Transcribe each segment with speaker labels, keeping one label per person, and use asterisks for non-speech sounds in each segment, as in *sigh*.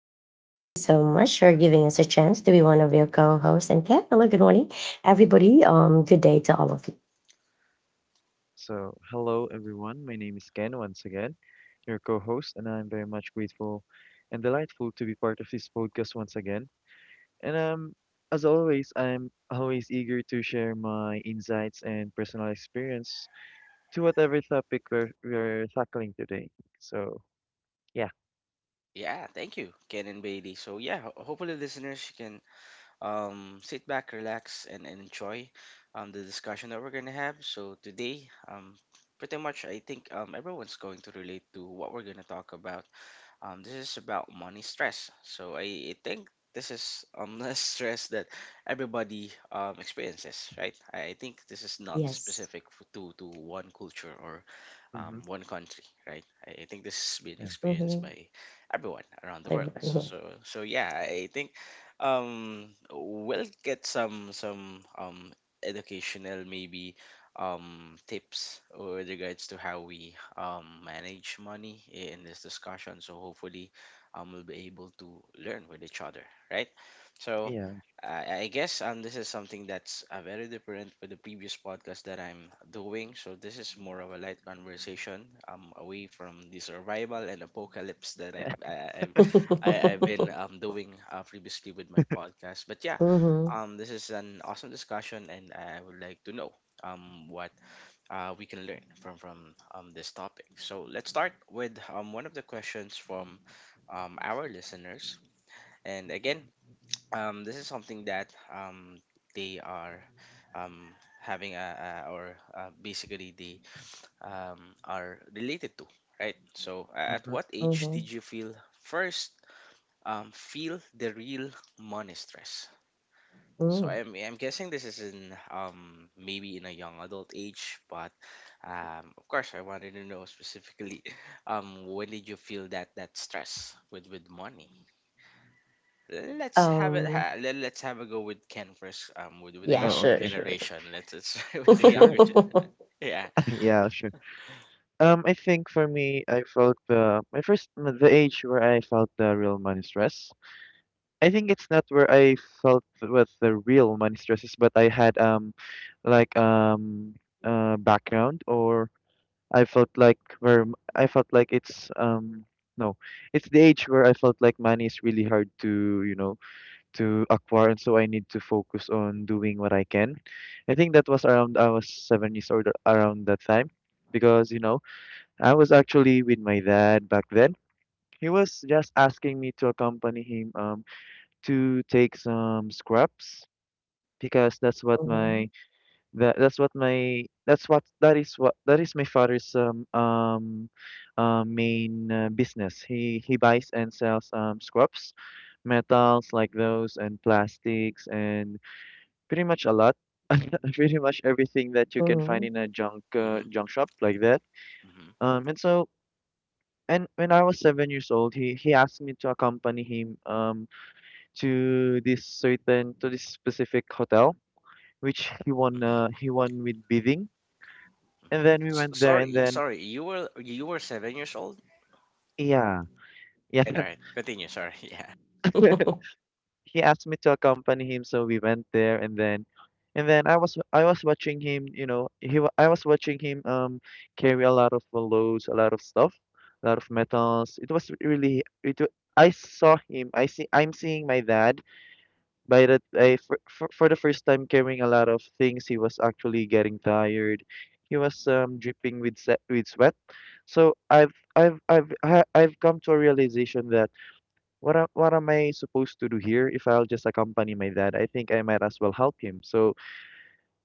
Speaker 1: And E, thank you so much for giving us a chance to be one of your co-hosts. And Kat, hello, good morning, everybody. Good day to all of you.
Speaker 2: So, hello everyone. My name is Ken once again, your co-host, and I'm very much grateful and delightful to be part of this podcast once again. And as always, I'm always eager to share my insights and personal experience to whatever topic we're tackling today. So, yeah.
Speaker 3: Yeah, thank you, Ken and Bailey. So yeah, hopefully listeners you can sit back, relax, and enjoy the discussion that we're gonna have. So today, pretty much I think everyone's going to relate to what we're gonna talk about. This is about money stress. So I think this is *laughs* the stress that everybody experiences, right? I think this is not
Speaker 1: Yes.
Speaker 3: specific to one culture or
Speaker 2: Mm-hmm.
Speaker 3: one country, right? I think this has been
Speaker 2: Yeah.
Speaker 3: experienced
Speaker 1: Mm-hmm.
Speaker 3: by everyone around the world.
Speaker 1: Everyone
Speaker 3: So
Speaker 1: here.
Speaker 3: yeah, I think we'll get some educational maybe tips with regards to how we manage money in this discussion. So hopefully, we'll be able to learn with each other, right? So
Speaker 2: Yeah.
Speaker 3: I guess this is something that's very different with the previous podcast that I'm doing. So this is more of a light conversation, away from the survival and apocalypse that
Speaker 2: Yeah.
Speaker 3: I'm I- I've been
Speaker 1: *laughs*
Speaker 3: doing previously with my podcast. But yeah,
Speaker 1: Mm-hmm.
Speaker 3: this is an awesome discussion, and I would like to know what we can learn from this topic. So let's start with one of the questions from our listeners. And again, this is something that they are um, having a, or basically they are related to, right? So
Speaker 2: *laughs*
Speaker 3: at
Speaker 2: Mm-hmm.
Speaker 3: what age
Speaker 1: Mm-hmm.
Speaker 3: did you first feel the real money stress? So
Speaker 1: Mm.
Speaker 3: I'm guessing this is in maybe in a young adult age, but of course, I wanted to know specifically, *laughs* when did you feel that stress with money? Let's have it.
Speaker 1: Um,
Speaker 3: Let's have a go with Ken first. With the
Speaker 1: yeah,
Speaker 2: Oh,
Speaker 3: younger
Speaker 1: sure,
Speaker 2: okay.
Speaker 1: sure.
Speaker 3: generation. Let's *laughs* try
Speaker 1: *laughs*
Speaker 3: with the
Speaker 2: Sure.
Speaker 3: younger gen. *laughs*
Speaker 1: Mm-hmm.
Speaker 3: Yeah.
Speaker 2: *laughs* Yeah, sure. I think for me, I felt the my first the age where I felt the real money stress. I think it's not where I felt with the real money stresses, but I had like, background, or I felt like I felt like it's no, it's the age where I felt like money is really hard to acquire, and so I need to focus on doing what I can. I think that was around I was 7 years old around that time because, you know, I was actually with my dad back then. He was just asking me to accompany him to take some scraps because that's what my that, that's what my that's what that is my father's main business. He buys and sells scraps, metals like those and plastics, and pretty much a lot, *laughs* pretty much everything that you can find
Speaker 1: Mm-hmm.
Speaker 2: in a junk
Speaker 3: Mm-hmm.
Speaker 2: junk shop like that.
Speaker 3: Mm-hmm.
Speaker 2: And so and when I was 7 years old, he asked me to accompany him to this specific hotel, which he won
Speaker 3: Mm-hmm.
Speaker 2: he won with bidding.
Speaker 3: Mm-hmm.
Speaker 2: And then we
Speaker 3: S
Speaker 2: went there, and
Speaker 3: Sorry,
Speaker 2: then
Speaker 3: sorry. You were 7 years old.
Speaker 2: yeah.
Speaker 3: All
Speaker 2: Yeah.
Speaker 3: right, all right. Continue. Sorry. *laughs* Yeah.
Speaker 1: *laughs*
Speaker 2: *laughs* He asked me to accompany him, so we went there, and then I was watching him, carry a lot of loads, a lot of stuff, a lot of metals. It was really it wa- I saw him. I'm seeing my dad by that, for the first time, carrying a lot of things. He was actually getting tired. He was dripping with sweat. So I've come to a realization that what am I supposed to do here. If I'll just accompany my dad, I think I might as well help him. So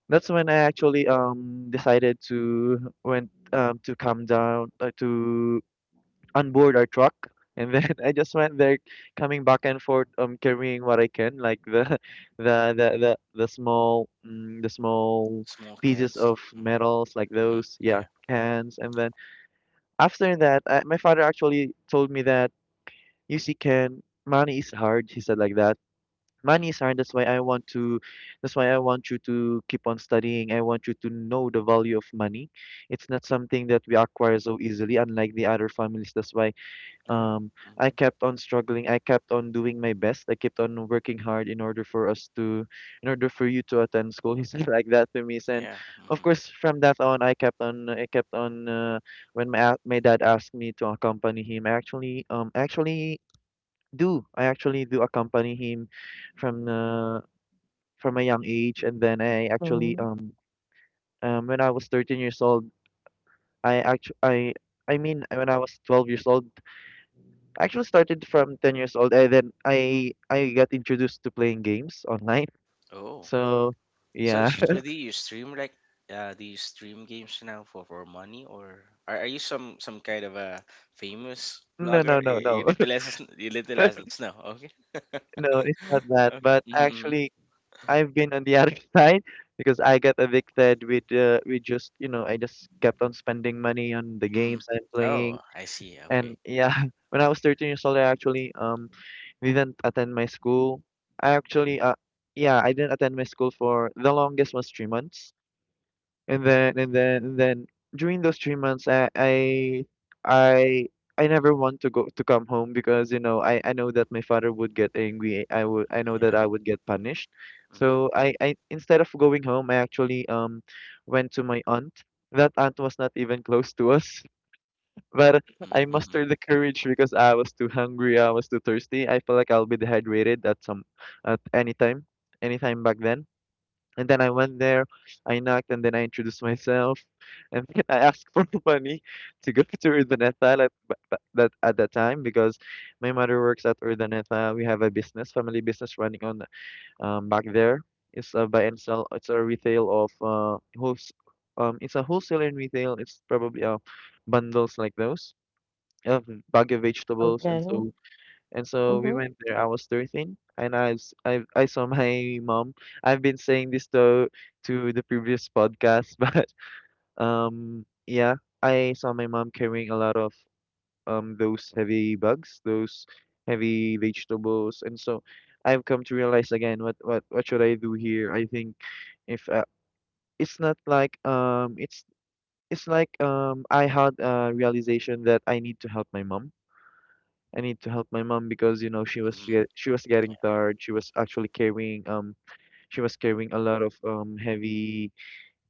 Speaker 2: that's when I actually decided to went to calm down, to on board our truck, and then *laughs* I just went there coming back and forth, carrying what I can, like the *laughs* the small,
Speaker 3: Small
Speaker 2: pieces
Speaker 3: cans.
Speaker 2: of
Speaker 3: Mm-hmm.
Speaker 2: metals like
Speaker 3: Mm-hmm.
Speaker 2: those. Yeah,
Speaker 3: Yeah.
Speaker 2: cans. And then after that, my father actually told me that, you see, Ken, money is hard. He said like that.
Speaker 3: Mm-hmm.
Speaker 2: Money is hard. That's why I want you to keep on studying. I want you to know the value of money. It's not something that we acquire so easily, unlike the other families. That's why,
Speaker 3: Yeah.
Speaker 2: um, I
Speaker 3: Mm-hmm.
Speaker 2: kept on struggling. I kept on doing my best. I kept on working hard in order for us to, in order for you to attend school. He said *laughs* like that to me. And
Speaker 3: Yeah.
Speaker 2: of
Speaker 3: Mm-hmm.
Speaker 2: course, from that on, I kept on, I kept on. When my dad asked me to accompany him, I actually, actually do. I actually do accompany him from uh, from a young age, and then I actually,
Speaker 1: Hmm.
Speaker 2: when I was 13 years old, I actually, I mean, when I was 12 years old, I actually started from 10 years old, and then I got introduced to playing games online.
Speaker 3: Oh.
Speaker 2: So
Speaker 3: So,
Speaker 2: yeah.
Speaker 3: so, so
Speaker 2: *laughs*
Speaker 3: do you stream like do you stream games now for money? Or are you some kind of a famous
Speaker 2: No, no,
Speaker 3: vlogger? You,
Speaker 2: no, no.
Speaker 3: you little less than
Speaker 2: *laughs*
Speaker 3: snow. *laughs* Okay,
Speaker 2: No, it's not that.
Speaker 3: okay.
Speaker 2: But
Speaker 3: Mm-hmm, mm-hmm.
Speaker 2: actually, I've been on the other *laughs* side because I got addicted with just, you know, I just kept on spending money on the
Speaker 3: Mm-hmm.
Speaker 2: games I'm playing.
Speaker 3: Oh, I see.
Speaker 2: And
Speaker 3: Okay,
Speaker 2: yeah, *laughs* when I was 13 years old, I actually didn't attend my school. I actually yeah, I didn't attend my school for the longest was 3 months. And then and then and then during those 3 months, I I never want to go to come home because, you know, I know that my father would get angry. I know that
Speaker 3: yeah.
Speaker 2: I would get punished.
Speaker 3: Mm-hmm,
Speaker 2: So I instead of going home, I actually went to my aunt. That aunt was not even close to us, *laughs* but I
Speaker 3: mm-hmm, mm-hmm.
Speaker 2: mustered the courage because I was too hungry. I was too thirsty. I felt like I'll be dehydrated at some, at any time, anytime back then. And then I went there, I knocked, and then I introduced myself, and then *laughs* I asked for *laughs* money to go to Urdaneta at that time because my mother works at Urdaneta. We have a business, family business running on, back there. It's a buy and sell. It's a wholesale and retail. It's probably bundles like those of bag of vegetables.
Speaker 1: Okay.
Speaker 2: And
Speaker 1: Mm-hmm.
Speaker 2: so, and so we
Speaker 1: Mm-hmm.
Speaker 2: went there. I was 13, and I saw *laughs* my mom. I've been saying this to the previous podcast, *laughs* but yeah, I saw my mom carrying a lot of those heavy bags, those heavy vegetables. And so I've come to realize again, what should I do here? I think if it's not like it's like I had a realization that I need to help my mom. Because, you know, she was
Speaker 3: Mm-hmm.
Speaker 2: she, she was getting tired. She was carrying a lot of heavy,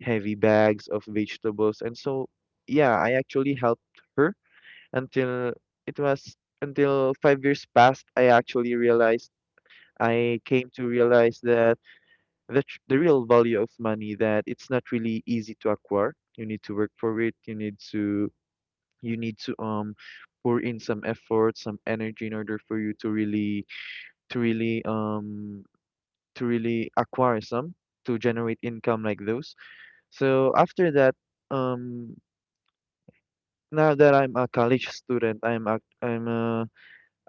Speaker 2: heavy bags of vegetables. And so yeah, I actually helped her until it was until 5 years passed. I actually realized, I came to realize, that the real value of money, that it's not really easy to acquire. You need to work for it. You need to, you need to pour in some effort, some energy in order for you to really, to really um to really acquire some, to generate income like those. So after that, um now that I'm a college student,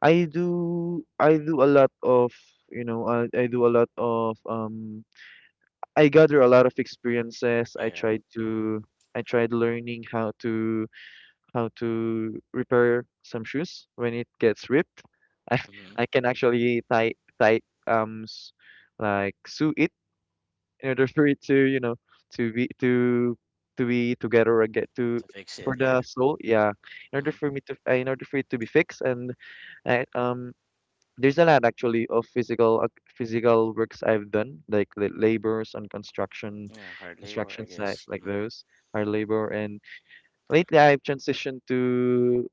Speaker 2: I do, a lot of, you know, I gather a lot of experiences.
Speaker 3: Yeah.
Speaker 2: I tried learning how to, how to repair some shoes when it gets ripped. *laughs* I
Speaker 3: Mm-hmm.
Speaker 2: can actually tie tie um s- like, sew it in order for it to, you know, to be to to be together again, to
Speaker 3: To fix
Speaker 2: for
Speaker 3: it,
Speaker 2: the
Speaker 3: yeah.
Speaker 2: soul. Yeah, in order
Speaker 3: Mm-hmm.
Speaker 2: for me to, in order for it to be fixed. And I, um there's a lot actually of physical ac physical works I've done, like the labors on construction,
Speaker 3: Yeah, hard labor,
Speaker 2: construction
Speaker 3: I
Speaker 2: sites
Speaker 3: guess.
Speaker 2: like
Speaker 3: Mm-hmm.
Speaker 2: those. Hard labor. And lately, I've transitioned to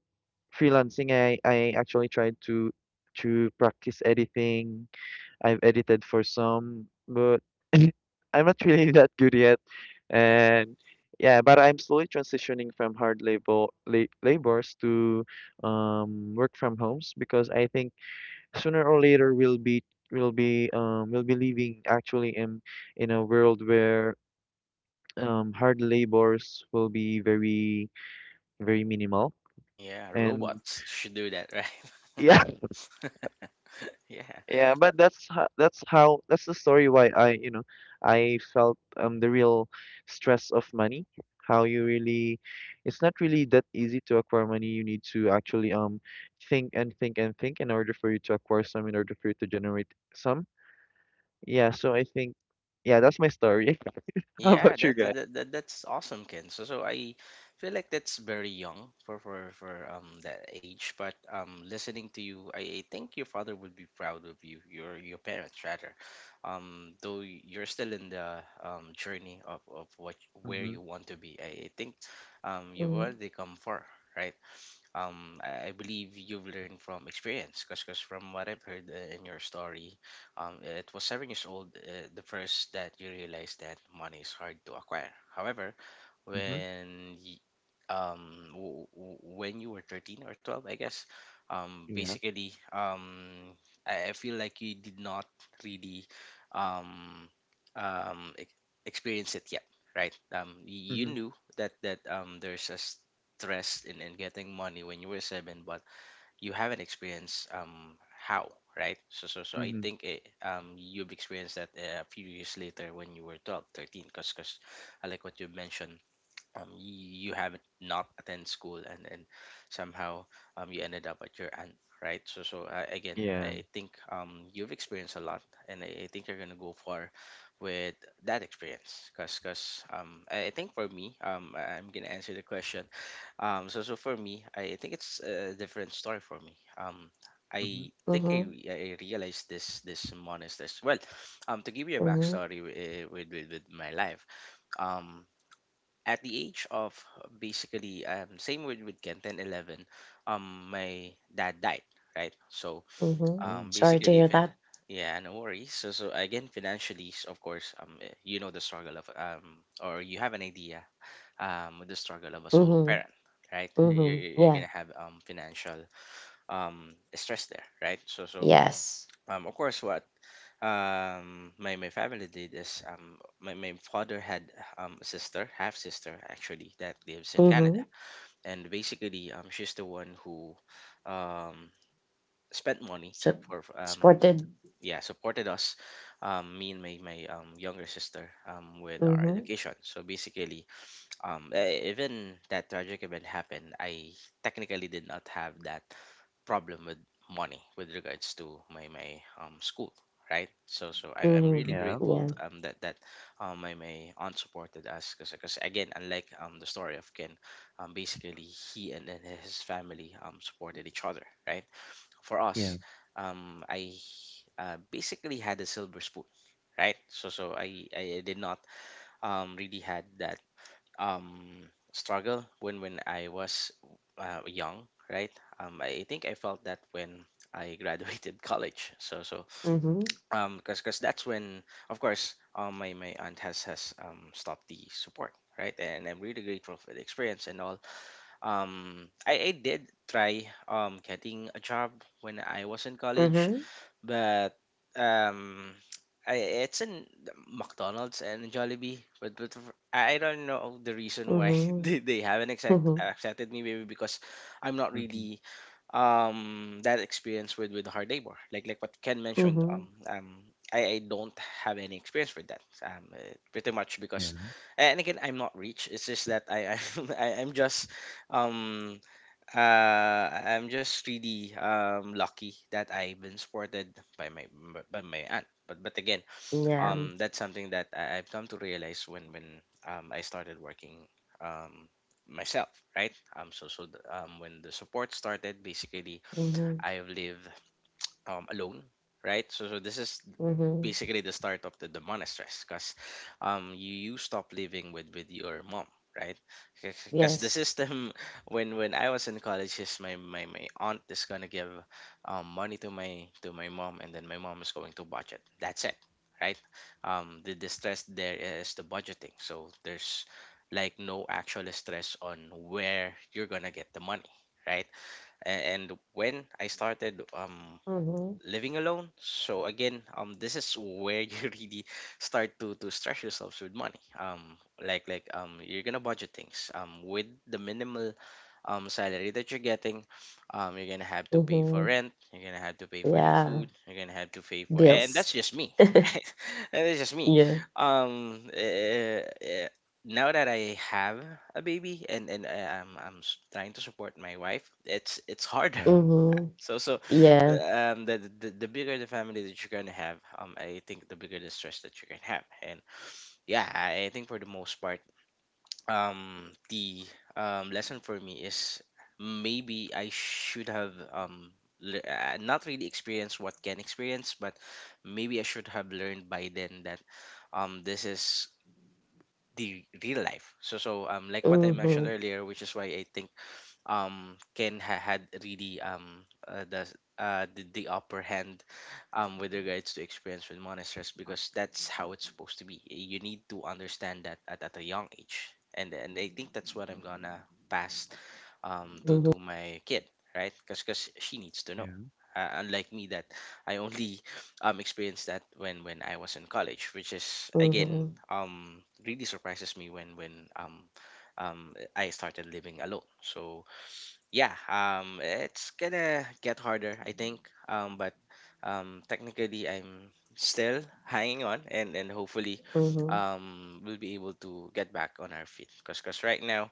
Speaker 2: freelancing. I actually tried to practice editing. I've edited for some, but *laughs* I'm not really *laughs* that good yet.
Speaker 3: Yeah,
Speaker 2: And yeah, but I'm slowly transitioning from hard labor la labors to, work from homes because I think sooner or later we'll be living actually in a world where, hard labors will be very, very minimal.
Speaker 3: yeah.
Speaker 2: And
Speaker 3: Robots should do that,
Speaker 2: *laughs*
Speaker 3: right?
Speaker 2: yeah,
Speaker 3: *laughs* Yeah.
Speaker 2: yeah, but that's ho- that's how that's the story why I, you know, I felt the real stress of money, how you really, it's not really that easy to acquire money. You need to actually think and think and think in order for you to acquire some, in order for you to generate some. Yeah, so I think, yeah, that's my story. *laughs* How
Speaker 3: Yeah,
Speaker 2: about you guys?
Speaker 3: that's awesome, Ken. So so I feel like that's very young for that age. But listening to you, I think your father would be proud of you, your parents rather. Though you're still in the journey of what where
Speaker 2: Mm-hmm.
Speaker 3: you want to be. I think you've already come far, right? I believe you've learned from experience because from what I've heard in your story, it was 7 years old the first that you realized that money is hard to acquire. However,
Speaker 2: Mm-hmm.
Speaker 3: when y- um w- w- when you were 13 or 12, I guess.
Speaker 2: Yeah.
Speaker 3: Basically I feel like you did not really um um e- experience it yet, right? You
Speaker 2: Mm-hmm.
Speaker 3: knew that that there's a stress in getting money when you were seven, but you haven't experienced how, right? So I
Speaker 2: Mm-hmm.
Speaker 3: think you've experienced that a few years later when you were 12, 13, because I like what you mentioned. You haven't not attend school, and somehow you ended up at your aunt, right? So so, again
Speaker 2: Yeah.
Speaker 3: I think you've experienced a lot. And I think you're gonna go far with that experience because I think for me, I'm gonna answer the question. So for me, I think it's a different story for me.
Speaker 2: Mm-hmm.
Speaker 3: I think I,
Speaker 1: Mm-hmm.
Speaker 3: re- I realized this this month is this well. To give you a
Speaker 1: Mm-hmm.
Speaker 3: backstory, with my life, um at the age of, basically, same with Ken, 10, 11, my dad died, right? So
Speaker 1: Mm-hmm.
Speaker 2: Oh.
Speaker 1: Sorry to
Speaker 3: basically,
Speaker 1: hear
Speaker 3: if
Speaker 1: that.
Speaker 3: yeah, no worries. So so again, financially of course, you know the struggle of, or you have an idea with the struggle of a solo
Speaker 1: Mm-hmm.
Speaker 3: parent, right?
Speaker 2: Mm.
Speaker 3: You're,
Speaker 1: Mm-hmm.
Speaker 3: you're gonna
Speaker 1: Yeah.
Speaker 3: have financial stress there, right? So so
Speaker 1: Yes.
Speaker 3: of course, what my my family did is, my, my father had a sister, half sister actually, that lives in Canada.
Speaker 1: Mhm.
Speaker 3: And basically, she's the one who um spent money
Speaker 1: So.
Speaker 3: for,
Speaker 1: Supported.
Speaker 3: yeah, supported us, me and my younger sister, with our
Speaker 1: Mhm,
Speaker 3: education. So basically, even that tragic event happened, I technically did not have that problem with money with regards to my my school, right? So so I'm really
Speaker 1: mhm,
Speaker 2: Yeah.
Speaker 3: grateful
Speaker 1: yeah,
Speaker 3: that that my, my aunt supported us. Because again, unlike the story of Ken, basically he and his family supported each other, right? For
Speaker 2: Yeah.
Speaker 3: us, I basically had a silver spoon, right? So I did not really had that um struggle when I was young, right? I think I felt that when I graduated *laughs* college. So so
Speaker 1: mhm,
Speaker 3: cause, cause that's when, of course, my, my aunt has stopped the support, right? And I'm really grateful for the experience and all. I did try getting a job when I was in college.
Speaker 1: mhm,
Speaker 3: But, um, I it's in McDonald's and Jollibee, but, I don't know the reason why *laughs*
Speaker 1: mhm,
Speaker 3: they haven't
Speaker 1: mhm,
Speaker 3: accepted me. Maybe because I'm not
Speaker 2: Mm-hmm.
Speaker 3: really that experienced with hard labor. Like what Ken mentioned, um,
Speaker 1: mhm,
Speaker 3: um, I, I don't have any experience with that. Pretty much because,
Speaker 2: Yeah.
Speaker 3: and again, I'm not rich. It's just that I *laughs* I'm just um I am just really lucky that I've been supported by my aunt. But again,
Speaker 1: yeah,
Speaker 3: that's something that I've come to realize when I started working um myself, right? When the support started, basically
Speaker 1: mhm,
Speaker 3: I've lived alone, right? So so this is
Speaker 1: mhm,
Speaker 3: basically the start of the monastress, because you, you stop living with your mom, right? Because the
Speaker 1: yes,
Speaker 3: system, *laughs* when I was in college, is my, my my aunt is gonna give money to my mom, and then my mom is going to budget. That's it, right? The stress there is the budgeting, so there's like no actual stress on where you're gonna get the money, right? And when I started
Speaker 1: mhm,
Speaker 3: living alone. So again, this is where you *laughs* really start to stress yourselves with money. Like you're gonna budget things. With the minimal salary that you're getting, you're gonna have to pay for
Speaker 1: mhm,
Speaker 3: rent. You're gonna have to pay for your
Speaker 1: yeah,
Speaker 3: food. You're gonna have to pay for, and
Speaker 1: bills,
Speaker 3: that's
Speaker 1: *laughs*
Speaker 3: just me, *laughs* right? And that's just me.
Speaker 1: yeah,
Speaker 3: Um, eh, eh, Now that I have a baby and I'm trying to support my wife, it's harder.
Speaker 2: Yeah.
Speaker 1: mhm,
Speaker 3: So so
Speaker 1: yeah,
Speaker 3: the bigger the family that you're gonna have, I think the bigger the stress that you can have. And yeah, I think for the most part, the lesson for me is maybe I should have not really experienced what can experience, but maybe I should have learned by then that this is the real life. So so like what I mentioned
Speaker 1: mhm,
Speaker 3: earlier, which is why I think Ken had really the upper hand with regards to experience with monsters. Because that's how it's supposed to be. You need to understand that at a young age, and I think that's what I'm gonna pass
Speaker 1: mhm,
Speaker 3: to my kid, right? Because she needs to know.
Speaker 2: Yeah.
Speaker 3: Unlike me, that I only experienced that when I was in college, which is again
Speaker 1: mhm,
Speaker 3: really surprises me when I started living alone. So yeah, it's gonna get harder, I think. But Technically, I'm still *laughs* hanging on, and hopefully
Speaker 1: mhm,
Speaker 3: we'll be able to get back on our feet. Because right now,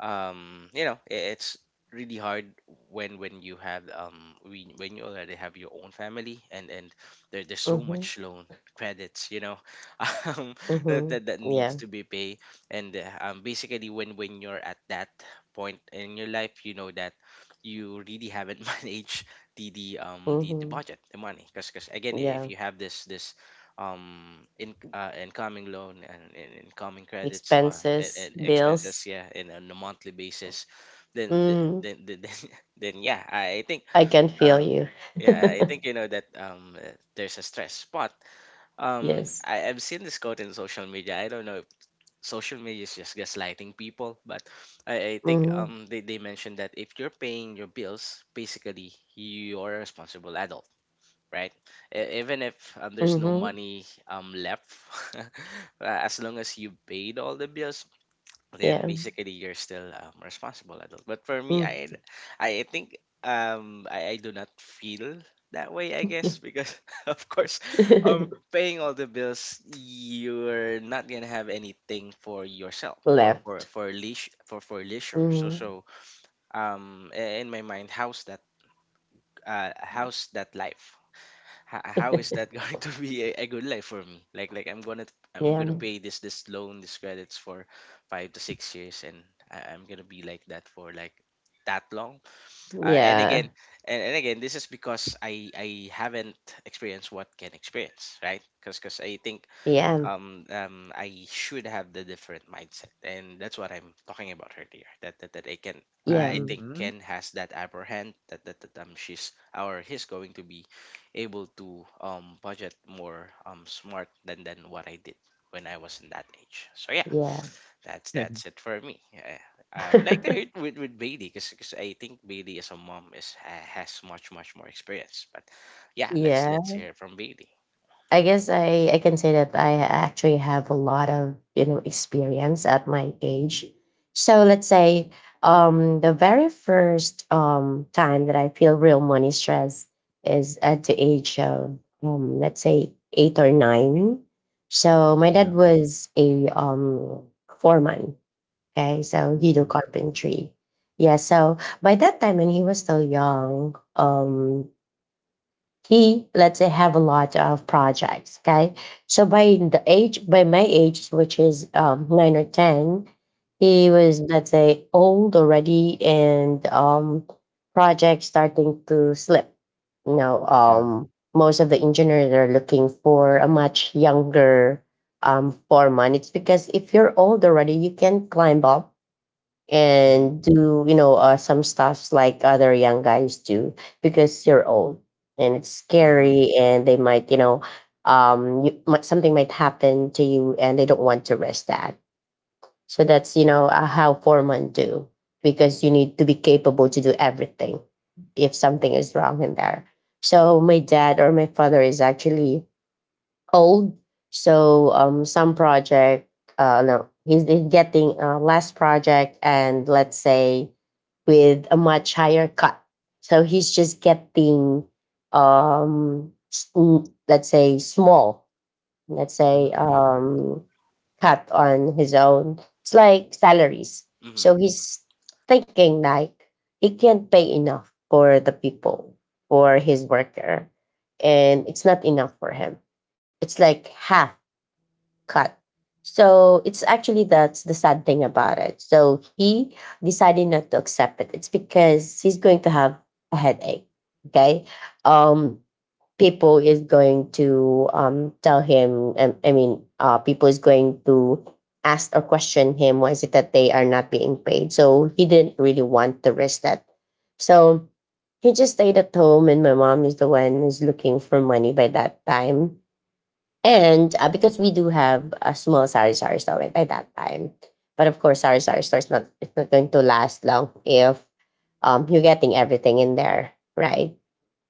Speaker 3: it's really hard when you have when you already have your own family, and there's so
Speaker 1: mhm,
Speaker 3: much loan credits, *laughs* um
Speaker 1: mhm,
Speaker 3: that needs
Speaker 1: yeah,
Speaker 3: to be paid. And Basically, when you're at that point in your life, that you really haven't *laughs* managed the
Speaker 1: mhm,
Speaker 3: budget, the money. Because again, if
Speaker 1: yeah,
Speaker 3: you have this this in incoming loan, and incoming credits, uh and,
Speaker 1: expenses,
Speaker 3: and expenses,
Speaker 1: bills,
Speaker 3: yeah, and on a monthly basis, then
Speaker 1: mhm,
Speaker 3: *laughs* then, yeah, I think.
Speaker 1: I can feel
Speaker 3: um
Speaker 1: you, *laughs*
Speaker 3: yeah I think that, there's a stress. But
Speaker 1: yes.
Speaker 3: I've seen this quote in social media. I don't know if social media is just gaslighting people, but I think
Speaker 1: Mhm,
Speaker 3: they mentioned that if you're paying your bills, basically you're a responsible adult, right? Even if, there's no
Speaker 1: mhm,
Speaker 3: money left, *laughs* uh, as long as you paid all the bills, then
Speaker 1: yeah,
Speaker 3: basically you're still responsible adult. But for me,
Speaker 1: mm.
Speaker 3: I think. I do not feel that way, I guess, because *laughs* of course, um,
Speaker 1: *laughs*
Speaker 3: paying all the bills, you're not gonna have anything for yourself,
Speaker 1: Left.
Speaker 3: for leash for leisure. So
Speaker 1: Mhm.
Speaker 3: so in my mind, how's that, how's that life? How is that *laughs*
Speaker 1: *laughs*
Speaker 3: going to be a good life for me? Like I'm
Speaker 1: Yeah,
Speaker 3: gonna pay this loan, this credits for 5 to 6 years, and I'm gonna be like that for like that long. Uh, and again,
Speaker 1: yeah,
Speaker 3: and again, this is because I haven't experienced what can experience, right? Because I think,
Speaker 1: yeah,
Speaker 3: I should have the different mindset, and that's what I'm talking about earlier. That I can.
Speaker 1: yeah,
Speaker 3: I think
Speaker 2: Mhm.
Speaker 3: Ken has that upper hand that, that that she's or he's going to be able to budget more smart than what I did when I was in that age. So yeah,
Speaker 1: yeah.
Speaker 3: that's
Speaker 2: *laughs*
Speaker 3: it for me. Yeah. I would like to hear it
Speaker 1: *laughs*
Speaker 3: with Bailey, because I think Bailey, as a mom, has much more experience. But yeah, let's
Speaker 1: Yeah.
Speaker 3: let's hear from Bailey.
Speaker 1: I guess I can say that I actually have a lot of, you know, experience at my age. So let's say the very first time that I feel real money stress is at the age of let's say 8 or 9. So my dad
Speaker 2: Yeah.
Speaker 1: was a foreman. Okay, so he do
Speaker 2: Oh.
Speaker 1: carpentry. Yeah, so by that time when he was still young, he let's say have a lot of projects. Okay, so by my age, which is 9 or 10, he was let's say old already, and projects starting to slip. You know,
Speaker 2: Yeah.
Speaker 1: most of the engineers are looking for a much younger foreman. It's because if you're old already, you can climb up
Speaker 2: Mhm,
Speaker 1: and do, you know, some stuffs like other young guys do because you're old, and it's
Speaker 2: mhm,
Speaker 1: scary, and they might, you know, something might happen to you, and they don't want to risk that. So that's, you know, how foremen do, because you need to be capable to do everything if something is wrong in there. So my dad or my father is actually old. So some project, no, he's getting less project, and let's say with a much higher cut. So he's just getting, let's say, small, let's say
Speaker 2: mhm,
Speaker 3: Hmm.
Speaker 1: cut on his own. It's like salaries. So
Speaker 3: Hmm.
Speaker 1: he's thinking like he can't pay enough for the people, for his worker, and it's not enough for him. It's like half cut. So it's actually, that's the sad thing about it. So he decided not to accept it. It's because he's going to have a headache. Okay, um people is going to tell him, I mean, people is going to ask or question him why is it that they are not being paid. So he didn't really want to risk that. So he just stayed at home, and my mom is the one who's looking for money by that time. And because we do have a small sari sari store by that time. But of course, sari sari store is not, it's not going to last long if you're getting everything in there, right?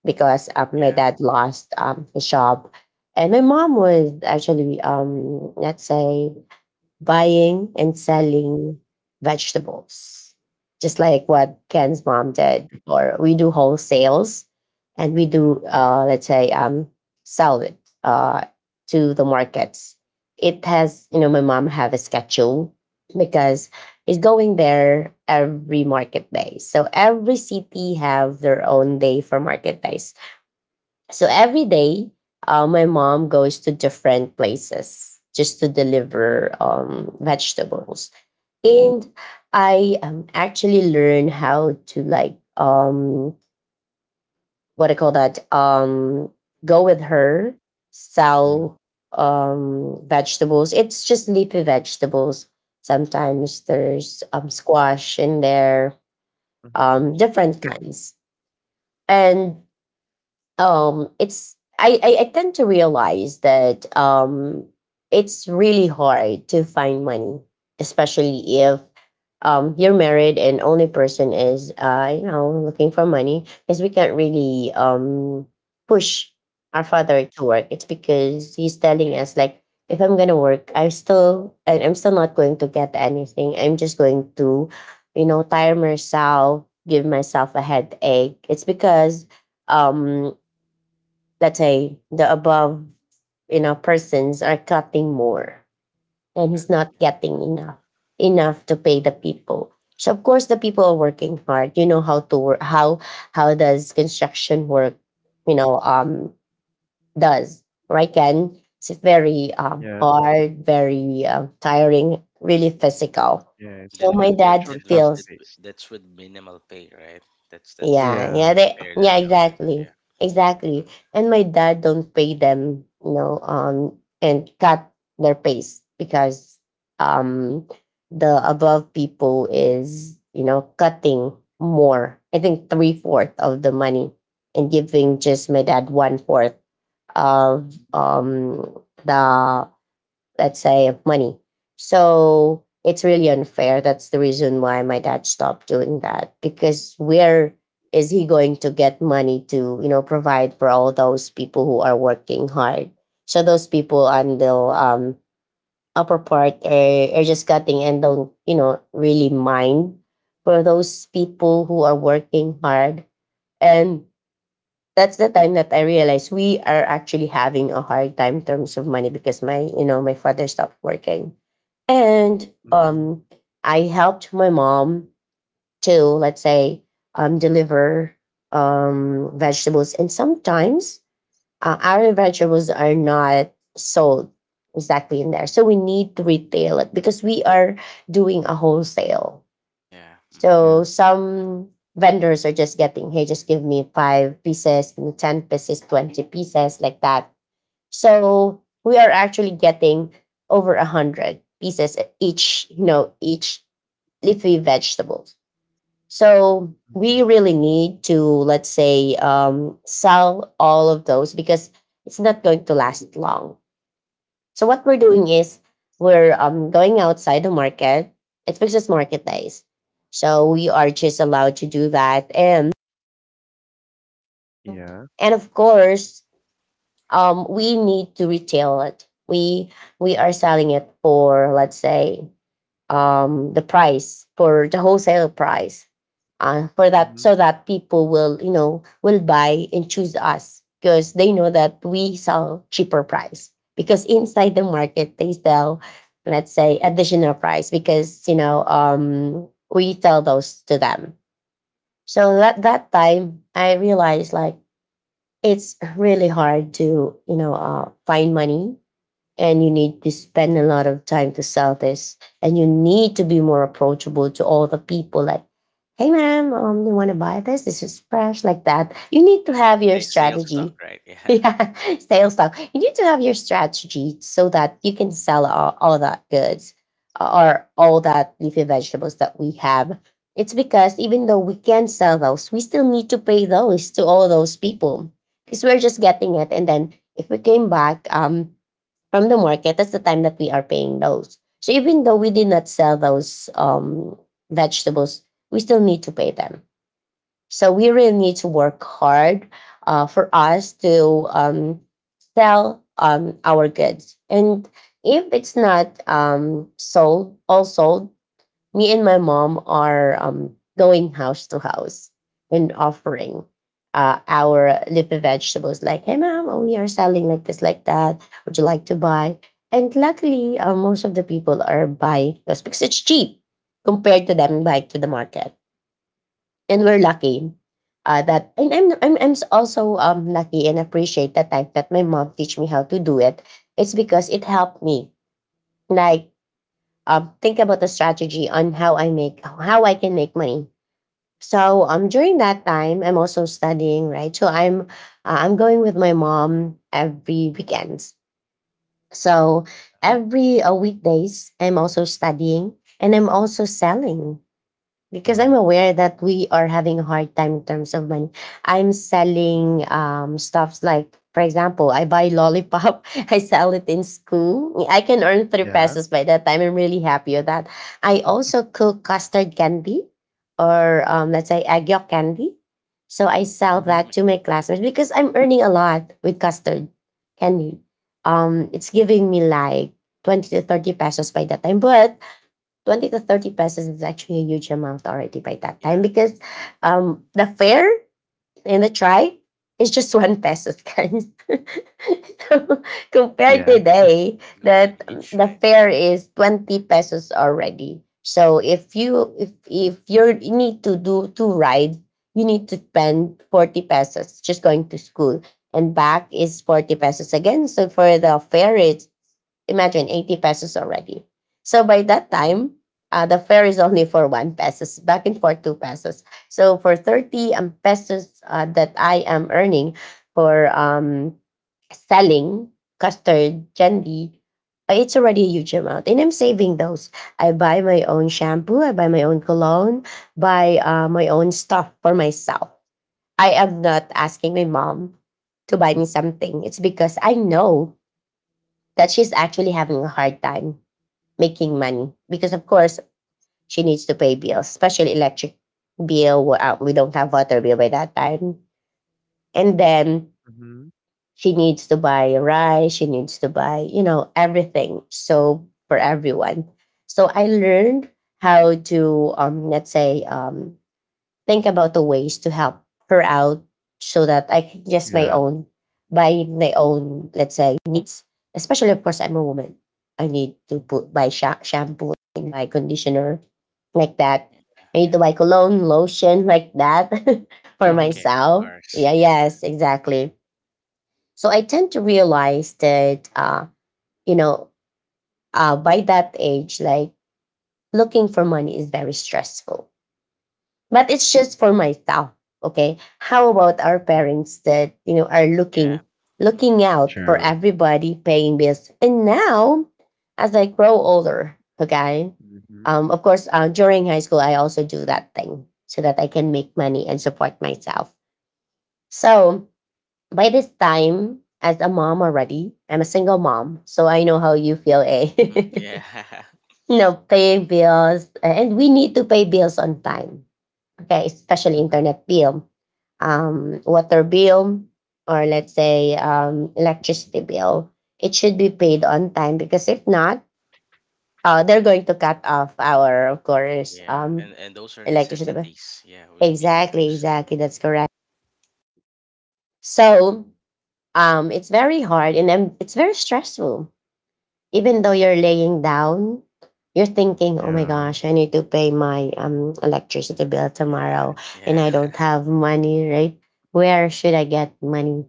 Speaker 1: Because my
Speaker 3: Yeah.
Speaker 1: dad
Speaker 3: Mm-hmm.
Speaker 1: lost his job. And my mom was actually, let's say, buying and selling vegetables, just like what Ken's mom did. Or we do wholesales, and we
Speaker 2: mhm.
Speaker 1: do, let's say, sell it uh, to the markets. It has, you know, my mom have a schedule because it's going there every market day. So every city have their own day for market days. So every day, my mom goes to different places just to deliver vegetables. And I actually learn how to like what I call that, go with her,
Speaker 2: Yeah.
Speaker 1: sell vegetables. It's just leafy vegetables. Sometimes there's squash in there,
Speaker 2: Mhm.
Speaker 1: different kinds, and it's, I tend to realize that it's really hard to find money, especially if you're married and only person is, you know, looking for money, because we can't really push our father to work. It's because he's telling us like, if I'm gonna work, I'm still not going to get anything. I'm just going to, you know, tire myself, give myself a headache. It's because um let's say the above, you know, persons are cutting more, and
Speaker 3: Yeah.
Speaker 1: he's not
Speaker 3: Mm.
Speaker 1: getting enough to pay the people. So of course the people are working hard, you know how to work, how does construction work, you know, does, right, Ken? It's very
Speaker 2: Yeah.
Speaker 1: hard, very tiring, really physical.
Speaker 2: Yeah.
Speaker 3: And
Speaker 2: It's
Speaker 1: So
Speaker 3: then
Speaker 1: my
Speaker 2: it's
Speaker 3: with,
Speaker 1: dad
Speaker 2: actually
Speaker 3: and with,
Speaker 2: fast
Speaker 1: feels.
Speaker 3: with-
Speaker 2: paced.
Speaker 3: That's with minimal pay, right? That's how
Speaker 1: Yeah,
Speaker 2: Yeah.
Speaker 1: yeah, they,
Speaker 3: unfair
Speaker 1: yeah,
Speaker 3: that job is.
Speaker 1: exactly,
Speaker 3: Yeah.
Speaker 1: exactly.
Speaker 3: Mm.
Speaker 1: And my dad don't pay them, you know, and cut their pays because um, the above people is, you know, cutting more. I think three fourth of the money and giving just my dad one fourth of
Speaker 2: Mm.
Speaker 1: the, let's say, of money. So it's really unfair. That's the reason why my dad stopped doing that, because where is he going to get money to, you know, provide for all those people who are working hard? So those people on the upper part are just cutting and don't, you know, really mind for those people who are working hard. And that's the time that I realized we are actually having a hard time in terms of money because my, you know, my father stopped working. And
Speaker 2: Mhm.
Speaker 1: I helped my mom to, let's say, deliver vegetables. And sometimes our vegetables are not sold exactly in there. So we need to retail it because we are doing a wholesale.
Speaker 3: Yeah. Mm-hmm.
Speaker 2: Yeah.
Speaker 1: So some vendors are just getting, hey, just give me five pieces, give me 10 pieces, 20 pieces, like that. So we are actually getting over 100 pieces each, you know, each leafy vegetables. So we
Speaker 2: Mhm.
Speaker 1: really need to, let's say, sell all of those because it's not going to last long. So what we're doing is we're going outside the market. It's because market days, so we are just allowed to do that. And, um,
Speaker 2: Yeah.
Speaker 1: of
Speaker 3: Mm-hmm.
Speaker 1: course, we need to retail it. We are selling it for, let's say, the price for the wholesale price for that,
Speaker 2: Mhm.
Speaker 1: so that people will, you know, will buy and choose us because they know that we sell cheaper price, because inside the market they sell, let's say, additional price, because, you know, we tell those to them. So at that time I realized like it's really hard to, you know, find money, and you need to spend a lot of time to sell this, and you need to be more approachable to all the people, like, hey ma'am, you want to buy this, this is fresh, like that. You need to
Speaker 3: Yeah.
Speaker 1: have your
Speaker 3: Sales stock,
Speaker 1: strategy.
Speaker 3: right?
Speaker 1: *laughs*
Speaker 3: Yeah. *laughs*
Speaker 1: Yeah, sales talk. You need to have your strategy so that you can sell all that goods or all that leafy vegetables that we have. It's because even though we can sell those, we still need to pay those to all those people, because we're just getting it, and then if we came back from the market, that's the time that we are paying those. So even though we did not sell those vegetables, we still need to pay them. So we really need to work hard for us to sell our goods. And if it's not sold, all sold, me and my mom are going house to house and offering our leafy vegetables. Like, hey mom, oh, we are selling like this, like that, would you like to buy? And luckily, most of the people are buying those because it's cheap compared to them buying to the market. And we're lucky that, and I'm also lucky and appreciate the time that my mom teach me how to do it. It's because it helped me, like, think about the strategy on how I make, how I can make money. So during that time, I'm also studying, right? So I'm, I'm going with my mom every weekends. So
Speaker 2: Yeah.
Speaker 1: every weekdays, I'm also studying and I'm also selling because
Speaker 2: Wow.
Speaker 1: I'm aware that we are having a hard time in terms of money. I'm selling
Speaker 2: Mhm.
Speaker 1: stuffs like, for example, I buy lollipop, *laughs* I sell it in school. I can earn three
Speaker 2: Yeah.
Speaker 1: pesos by that time. I'm really happy with that. I also cook custard candy or let's say agyok candy. So I
Speaker 3: Mm,
Speaker 1: sell
Speaker 2: Mhm.
Speaker 1: that
Speaker 3: yummy.
Speaker 1: to my classmates because I'm earning a lot with custard candy. It's giving me like 20 to 30 pesos by that time. But 20 to 30 pesos is actually a huge amount already by that time
Speaker 3: Yeah.
Speaker 1: because the fare and the try is just *laughs* 1 peso, guys. *laughs* So compared
Speaker 2: Yeah.
Speaker 1: today,
Speaker 3: Golden
Speaker 1: that
Speaker 3: age,
Speaker 1: the
Speaker 3: right?
Speaker 1: fare is 20 pesos already. So if you need to do two rides, you need to spend 40 pesos just going to school, and back is 40 pesos again. So for the fare it's imagine 80 pesos already. So by that
Speaker 2: Mhm.
Speaker 1: time, the fare is only for one pesos, back and forth two pesos. So for 30 pesos that I am earning for selling custard candy, it's already a huge amount. And I'm saving those. I buy my own shampoo, I buy my own cologne, buy my own stuff for myself. I am not asking my mom to buy me something. It's because I know that she's actually having a hard time making money because, of course, she needs to pay bills, especially electric bill. We don't have water bill by that time. And then
Speaker 2: Mhm.
Speaker 1: she needs to buy rice. She needs to buy, you know, everything. So for everyone. So I learned how to, let's say, think about the ways to help her out so that I can just my
Speaker 2: Yeah.
Speaker 1: own buy my own, let's say, needs. Especially of course I'm a woman. I need to put
Speaker 2: Mhm.
Speaker 1: buy shampoo and buy conditioner like that. I need to buy
Speaker 3: Yeah.
Speaker 1: cologne, lotion like that *laughs* for
Speaker 2: Mhm.
Speaker 3: Self-care, of
Speaker 1: myself.
Speaker 3: course.
Speaker 1: Yeah,
Speaker 3: Yeah.
Speaker 1: yes, exactly. So I tend to realize that you know, uh, by that age, like looking for money is very stressful but it's just for myself. Okay. How about our
Speaker 2: *laughs*
Speaker 1: parents that, you know, are
Speaker 3: Yeah.
Speaker 1: looking out for
Speaker 2: True.
Speaker 1: everybody paying bills? And now, as I grow older, okay,
Speaker 2: Mhm.
Speaker 1: of course, during high school, I also do that thing so that I can make money and support myself. So by this time, as a mom already, I'm a single mom. So I know how you feel, eh?
Speaker 3: Mm-hmm.
Speaker 1: *laughs*
Speaker 3: Yeah.
Speaker 1: You know, paying bills. And we need to pay bills on time, okay, especially
Speaker 2: Mhm.
Speaker 1: internet bill, water bill, or let's say electricity bill, it
Speaker 3: *laughs*
Speaker 1: should be
Speaker 3: Mhm.
Speaker 1: paid
Speaker 3: Mhm.
Speaker 1: on time because if not, they're going to cut off our, of course,
Speaker 3: Yeah. And those are
Speaker 1: electricity bill.
Speaker 3: necessities. Yeah, we need
Speaker 1: Exactly,
Speaker 3: those.
Speaker 1: exactly. That's correct.
Speaker 2: Mhm.
Speaker 1: So it's very hard, and it's very stressful. Even though you're laying down, you're thinking, oh my
Speaker 2: Yeah.
Speaker 1: gosh, I need to pay my electricity bill
Speaker 3: Yeah.
Speaker 1: tomorrow and
Speaker 3: Yeah.
Speaker 1: I don't have money, right? Where should I get money?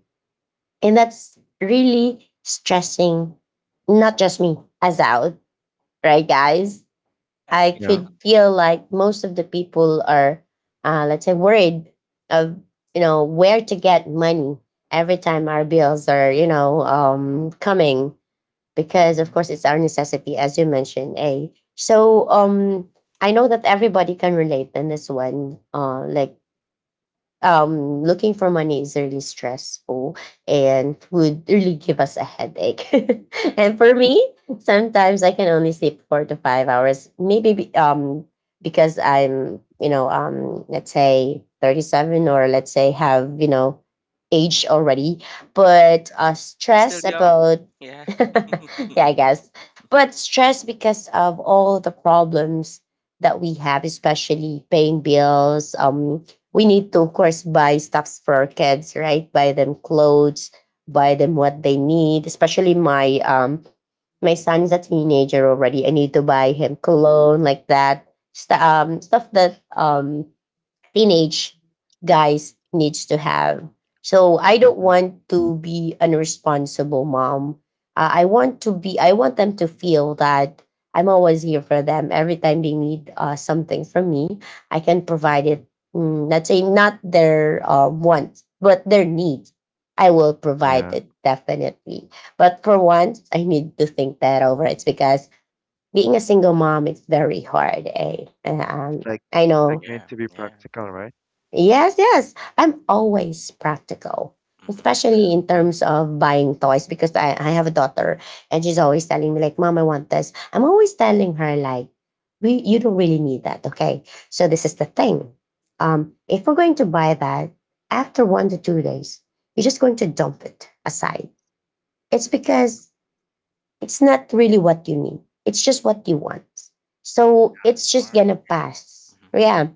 Speaker 1: And that's really stressing, not just me, as out, right, guys?
Speaker 3: *laughs* Yeah.
Speaker 1: I
Speaker 2: Yeah.
Speaker 3: Yeah.
Speaker 1: could feel like most of the people are, let's say, worried of, you know, where to get money every time our bills are, you know, coming, because of
Speaker 2: Mhm.
Speaker 1: course it's our necessity as you mentioned, eh. So um, I know that everybody can relate in this one, uh, like looking for money is really stressful and would really give us a headache. *laughs* And for me, sometimes I can only sleep 4 to 5 hours, because I'm, you know, let's say 37 or let's say have, you know, age already, but
Speaker 3: But still
Speaker 1: stress
Speaker 3: young.
Speaker 1: about,
Speaker 3: Yeah.
Speaker 1: *laughs* yeah,
Speaker 3: *laughs*
Speaker 1: I guess, but stress because of all the problems that we have, especially paying bills. We need to of course buy stuffs for our kids, right, buy them clothes, buy them what they need, especially my my son is a teenager already. I need to buy him cologne like that, stuff that um, teenage guys needs to have. So I don't
Speaker 2: Mhm.
Speaker 1: want to be an irresponsible mom. I want to be. I want them to feel that I'm always here for them. Every time they need something from me, I can provide
Speaker 2: Mhm.
Speaker 1: it. Mm, not saying not their want, but their need. I will provide
Speaker 2: Yeah.
Speaker 1: it definitely. But for once, I need to think that over. It's because being a single mom, it's very hard. Eh? And,
Speaker 2: It's like
Speaker 1: I
Speaker 2: it's like
Speaker 1: know.
Speaker 2: you need
Speaker 3: Yeah.
Speaker 2: to be
Speaker 3: Yeah.
Speaker 2: practical, right?
Speaker 3: Yeah.
Speaker 1: Yes, yes. I'm always practical,
Speaker 3: Mhm.
Speaker 1: especially in
Speaker 2: Mm-hmm.
Speaker 1: terms of buying toys because I have a daughter and she's always telling me, like, Mom, I want this. I'm always telling her, like, you don't really need that. Okay. So this is the thing. If we're going to buy that, after one to two days, you're just going to dump it aside. It's because it's not really what you need. It's just what you want. So
Speaker 3: Smart.
Speaker 1: it's just
Speaker 3: Smart.
Speaker 1: gonna pass.
Speaker 3: Mhm.
Speaker 1: Yeah.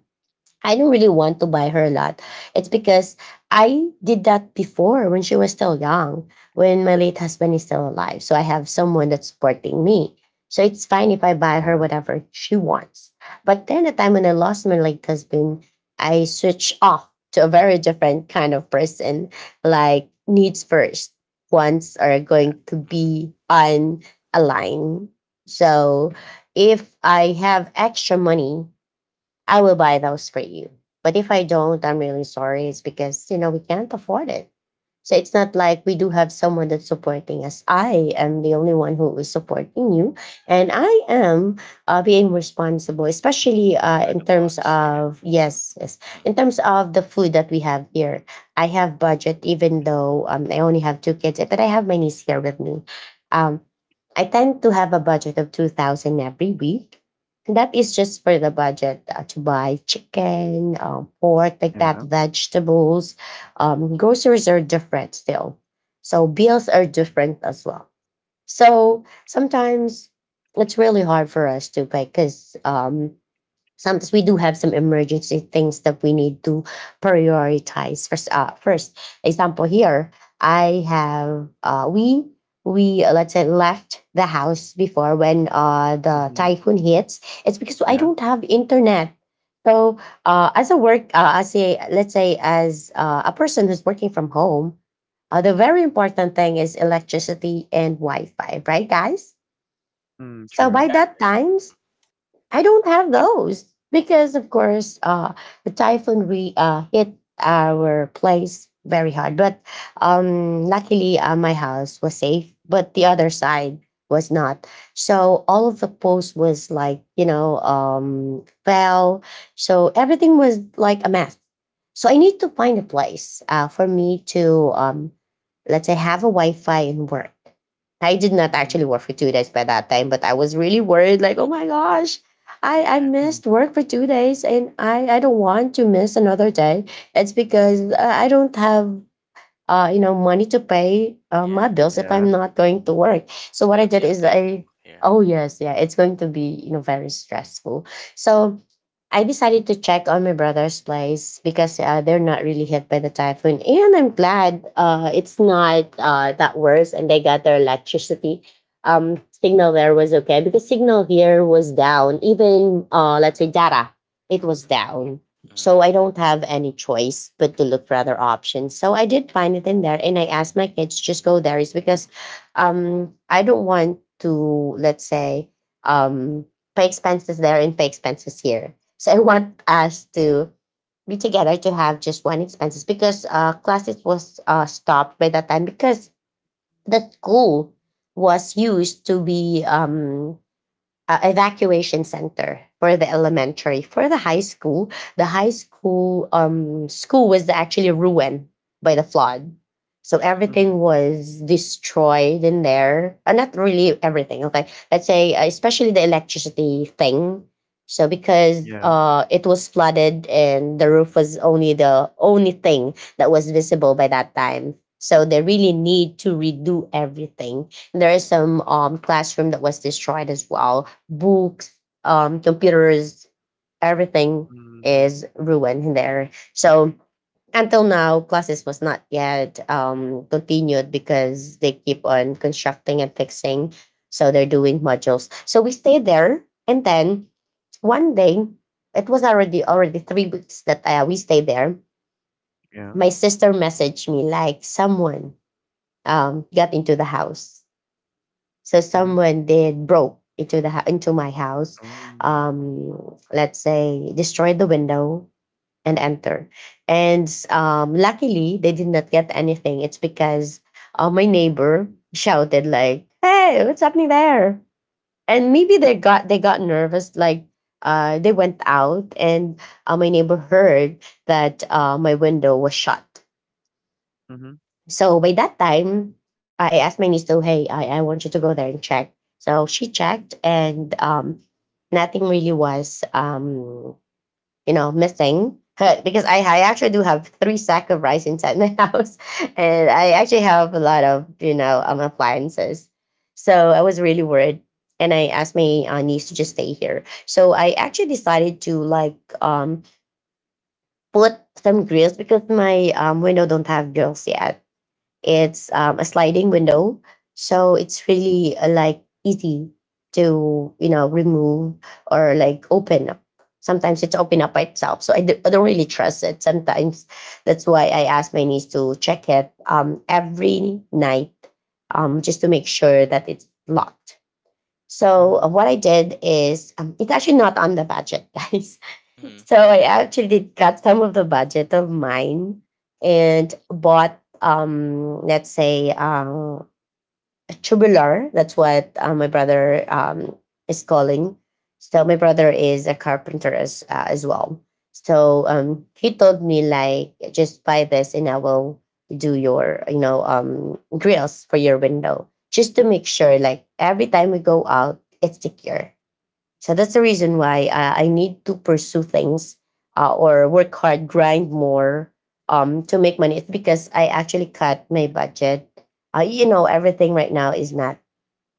Speaker 1: I don't really want to buy her a lot. It's because I did that before when she was still young, when my late husband is still alive. So I have someone that's supporting me. So it's fine if I buy her
Speaker 2: Yeah.
Speaker 1: whatever she wants. But then the time when I lost my late husband, I switched off to a very different kind of person, like needs first. Wants are
Speaker 3: Yeah.
Speaker 1: going to
Speaker 3: Mhm.
Speaker 1: be on a line. So if I have extra money, I will buy those for you. But if I don't, I'm really sorry. It's because, you know, we can't afford it. So it's not like we do have someone that's supporting us. I am the only one who is supporting you. And
Speaker 3: Yeah.
Speaker 1: I am, being responsible, especially
Speaker 3: You're
Speaker 1: in
Speaker 3: the
Speaker 1: terms
Speaker 3: boss. Yeah.
Speaker 1: of, yes, yes,
Speaker 3: Mhm.
Speaker 1: in terms of the food that we have here. I have budget, even though I only have two kids, but I have my niece here with me. Um, I tend to have a budget of 2,000 every week that is just for the budget to buy chicken, pork, like
Speaker 2: Yeah.
Speaker 1: that, vegetables. Groceries are different still. So bills are different as well. So sometimes it's really hard for us to pay because sometimes we do have some emergency things that we need to prioritize first, first example here, I have we we let's say left the house before when the
Speaker 2: Mm-hmm.
Speaker 1: typhoon hits. It's because I
Speaker 2: Yeah.
Speaker 1: don't have internet. So as a, let's say, as a person who's working from home, the very important thing is electricity and Wi-Fi, right, guys?
Speaker 2: Mm,
Speaker 1: So by
Speaker 2: true.
Speaker 3: Yeah.
Speaker 1: that
Speaker 3: Yeah.
Speaker 1: time I don't have those because, of course, the typhoon hit our place very hard. But luckily, my house was safe, but the other side was not. So all of the posts was like, you know, fell. So everything was like a mess. So I need to find a place for me to let's say have a Wi-Fi and work. I did not
Speaker 2: Mm-hmm.
Speaker 1: actually work for two days by that time, but I was really worried, like, oh my gosh, I
Speaker 3: Yeah.
Speaker 1: missed
Speaker 2: Mm-hmm.
Speaker 1: work for two days, and I don't want to miss another day. It's because I don't have, you know, money to pay my
Speaker 3: Yeah.
Speaker 1: bills if
Speaker 2: Yeah.
Speaker 1: I'm not going to work. So
Speaker 3: It's
Speaker 1: what I
Speaker 3: gonna
Speaker 1: did
Speaker 3: be
Speaker 1: is
Speaker 3: unpaid, too.
Speaker 1: I,
Speaker 3: Yeah.
Speaker 1: oh yes, yeah, it's going to be, you know, very stressful. So I decided to check on my brother's place because they're not really hit by the typhoon, and I'm glad it's not that worse, and they got their electricity. Signal there was okay because signal here was down. Even let's say data, it was down, so
Speaker 3: Mhm.
Speaker 1: I don't have any choice but to look for other options. So I did find it in there and I asked my kids just go there is because um, I don't want to, let's say, um, pay expenses there and pay expenses here. So I want us to be together, to have just one expenses because uh, classes was uh, stopped by that time because the school was used to be evacuation center for the elementary, for the high school. The high school school was actually ruined by the flood, so
Speaker 3: Mhm.
Speaker 2: Mm-hmm.
Speaker 1: everything was destroyed in there. Uh, not really everything, okay, let's say especially the electricity thing. So because
Speaker 2: Yeah.
Speaker 1: it was flooded and the roof was only thing that was visible by that time, so they really need to redo everything. There is some classroom that was destroyed as well, books, computers, everything
Speaker 2: Mm-hmm.
Speaker 1: is ruined there. So until now, classes was not yet continued because they keep on constructing and fixing. So they're doing modules. So we stayed there, and then one day, it was already 3 weeks that we stayed there.
Speaker 2: Yeah.
Speaker 1: My sister messaged me like someone got into the house, so
Speaker 2: Mm-hmm.
Speaker 1: someone did broke into into my house.
Speaker 2: Oh.
Speaker 1: Um, let's say destroyed the window and enter. And luckily, they did not get anything. It's because my neighbor shouted like, "Hey, what's happening there?" And maybe they got nervous. Like they went out, and my neighbor heard that my window was shut.
Speaker 2: Mm-hmm.
Speaker 1: So by that time, I asked my niece to, hey, I want you to go there and check. So she checked and nothing really was, you know, missing. *laughs* Because I actually
Speaker 3: Mhm.
Speaker 1: do have three sack of rice inside my *laughs* house. And I actually have a lot of, you know, appliances. So I was really worried. And I asked my niece to just stay here. So I actually decided to like um, put some grills because my window don't have grills yet. It's a sliding window, so it's really like easy to, you know, remove or like open up. Sometimes it's open up by itself, so I don't really trust it. Sometimes that's why I ask my niece to check it every night, just to make sure that it's locked.
Speaker 2: Mm-hmm.
Speaker 1: So what I did is, it's actually not on the budget, guys. *laughs*
Speaker 3: Mhm.
Speaker 1: So I
Speaker 3: Yeah.
Speaker 1: actually cut some of the budget of mine and bought, let's say, a tubular. That's what my brother is calling. So my brother is a carpenter as well. So he told me like, just buy this and I will do your, you know, grills for your window, just to make sure like every time we go out, it's secure. So that's the reason why I need to pursue things or work hard, grind more, to make money. It's because I actually cut my budget. You know, everything right now is not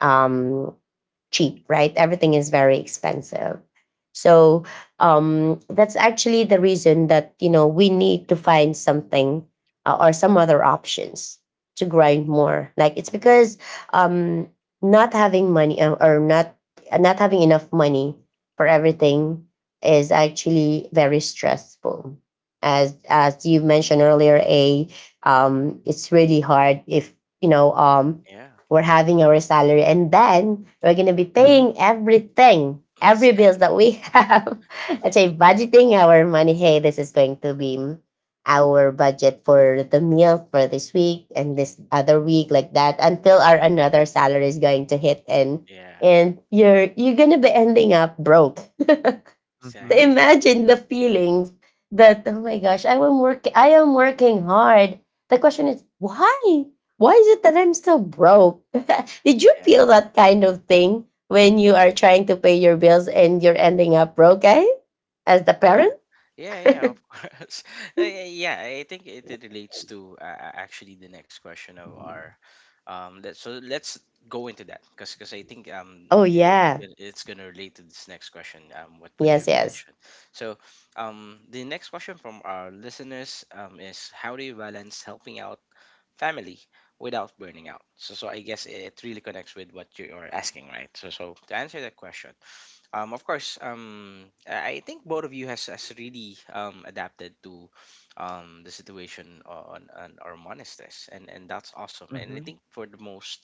Speaker 1: um, cheap, right? Everything is very expensive. So that's actually the reason that, you know, we need to find something or some other options to grind more. Like it's because um, not having money or not not having enough money for everything is actually very stressful. As you mentioned earlier, a it's really hard if, you know,
Speaker 3: Yeah.
Speaker 1: we're having our salary and then we're going to be
Speaker 2: Mm-hmm.
Speaker 1: paying everything, every bills
Speaker 3: Exactly.
Speaker 1: that we have, *laughs* let's say budgeting our money. Hey, this is going to be our budget for the meal for this week and this other week like that, until our another salary is going to hit. and
Speaker 3: Yeah.
Speaker 1: and you're gonna be ending up broke. *laughs* To
Speaker 2: Mm-hmm.
Speaker 3: Exactly.
Speaker 1: imagine the feelings that, oh my gosh, I am working hard. The question is why? Why is it that I'm still broke? *laughs* Did you feel that kind of thing when you are trying to pay your bills and you're ending up broke, eh? As the
Speaker 3: Yeah.
Speaker 1: parent?
Speaker 3: Yeah, yeah,
Speaker 1: *laughs*
Speaker 3: of course. *laughs* Yeah, I think it relates to, actually, the next question of our, so let's go into that, because I think
Speaker 1: Oh yeah.
Speaker 3: it's going to relate to this next question, what you
Speaker 1: Yes, yes.
Speaker 3: mentioned. So, the next question from our listeners is, how do you balance helping out family without burning out? So I guess it really connects with what you are asking, right? So to answer that question, of course, I think both of you has really adapted to the situation on our monasteries, and that's awesome. And I
Speaker 2: Mm-hmm.
Speaker 3: think, for the most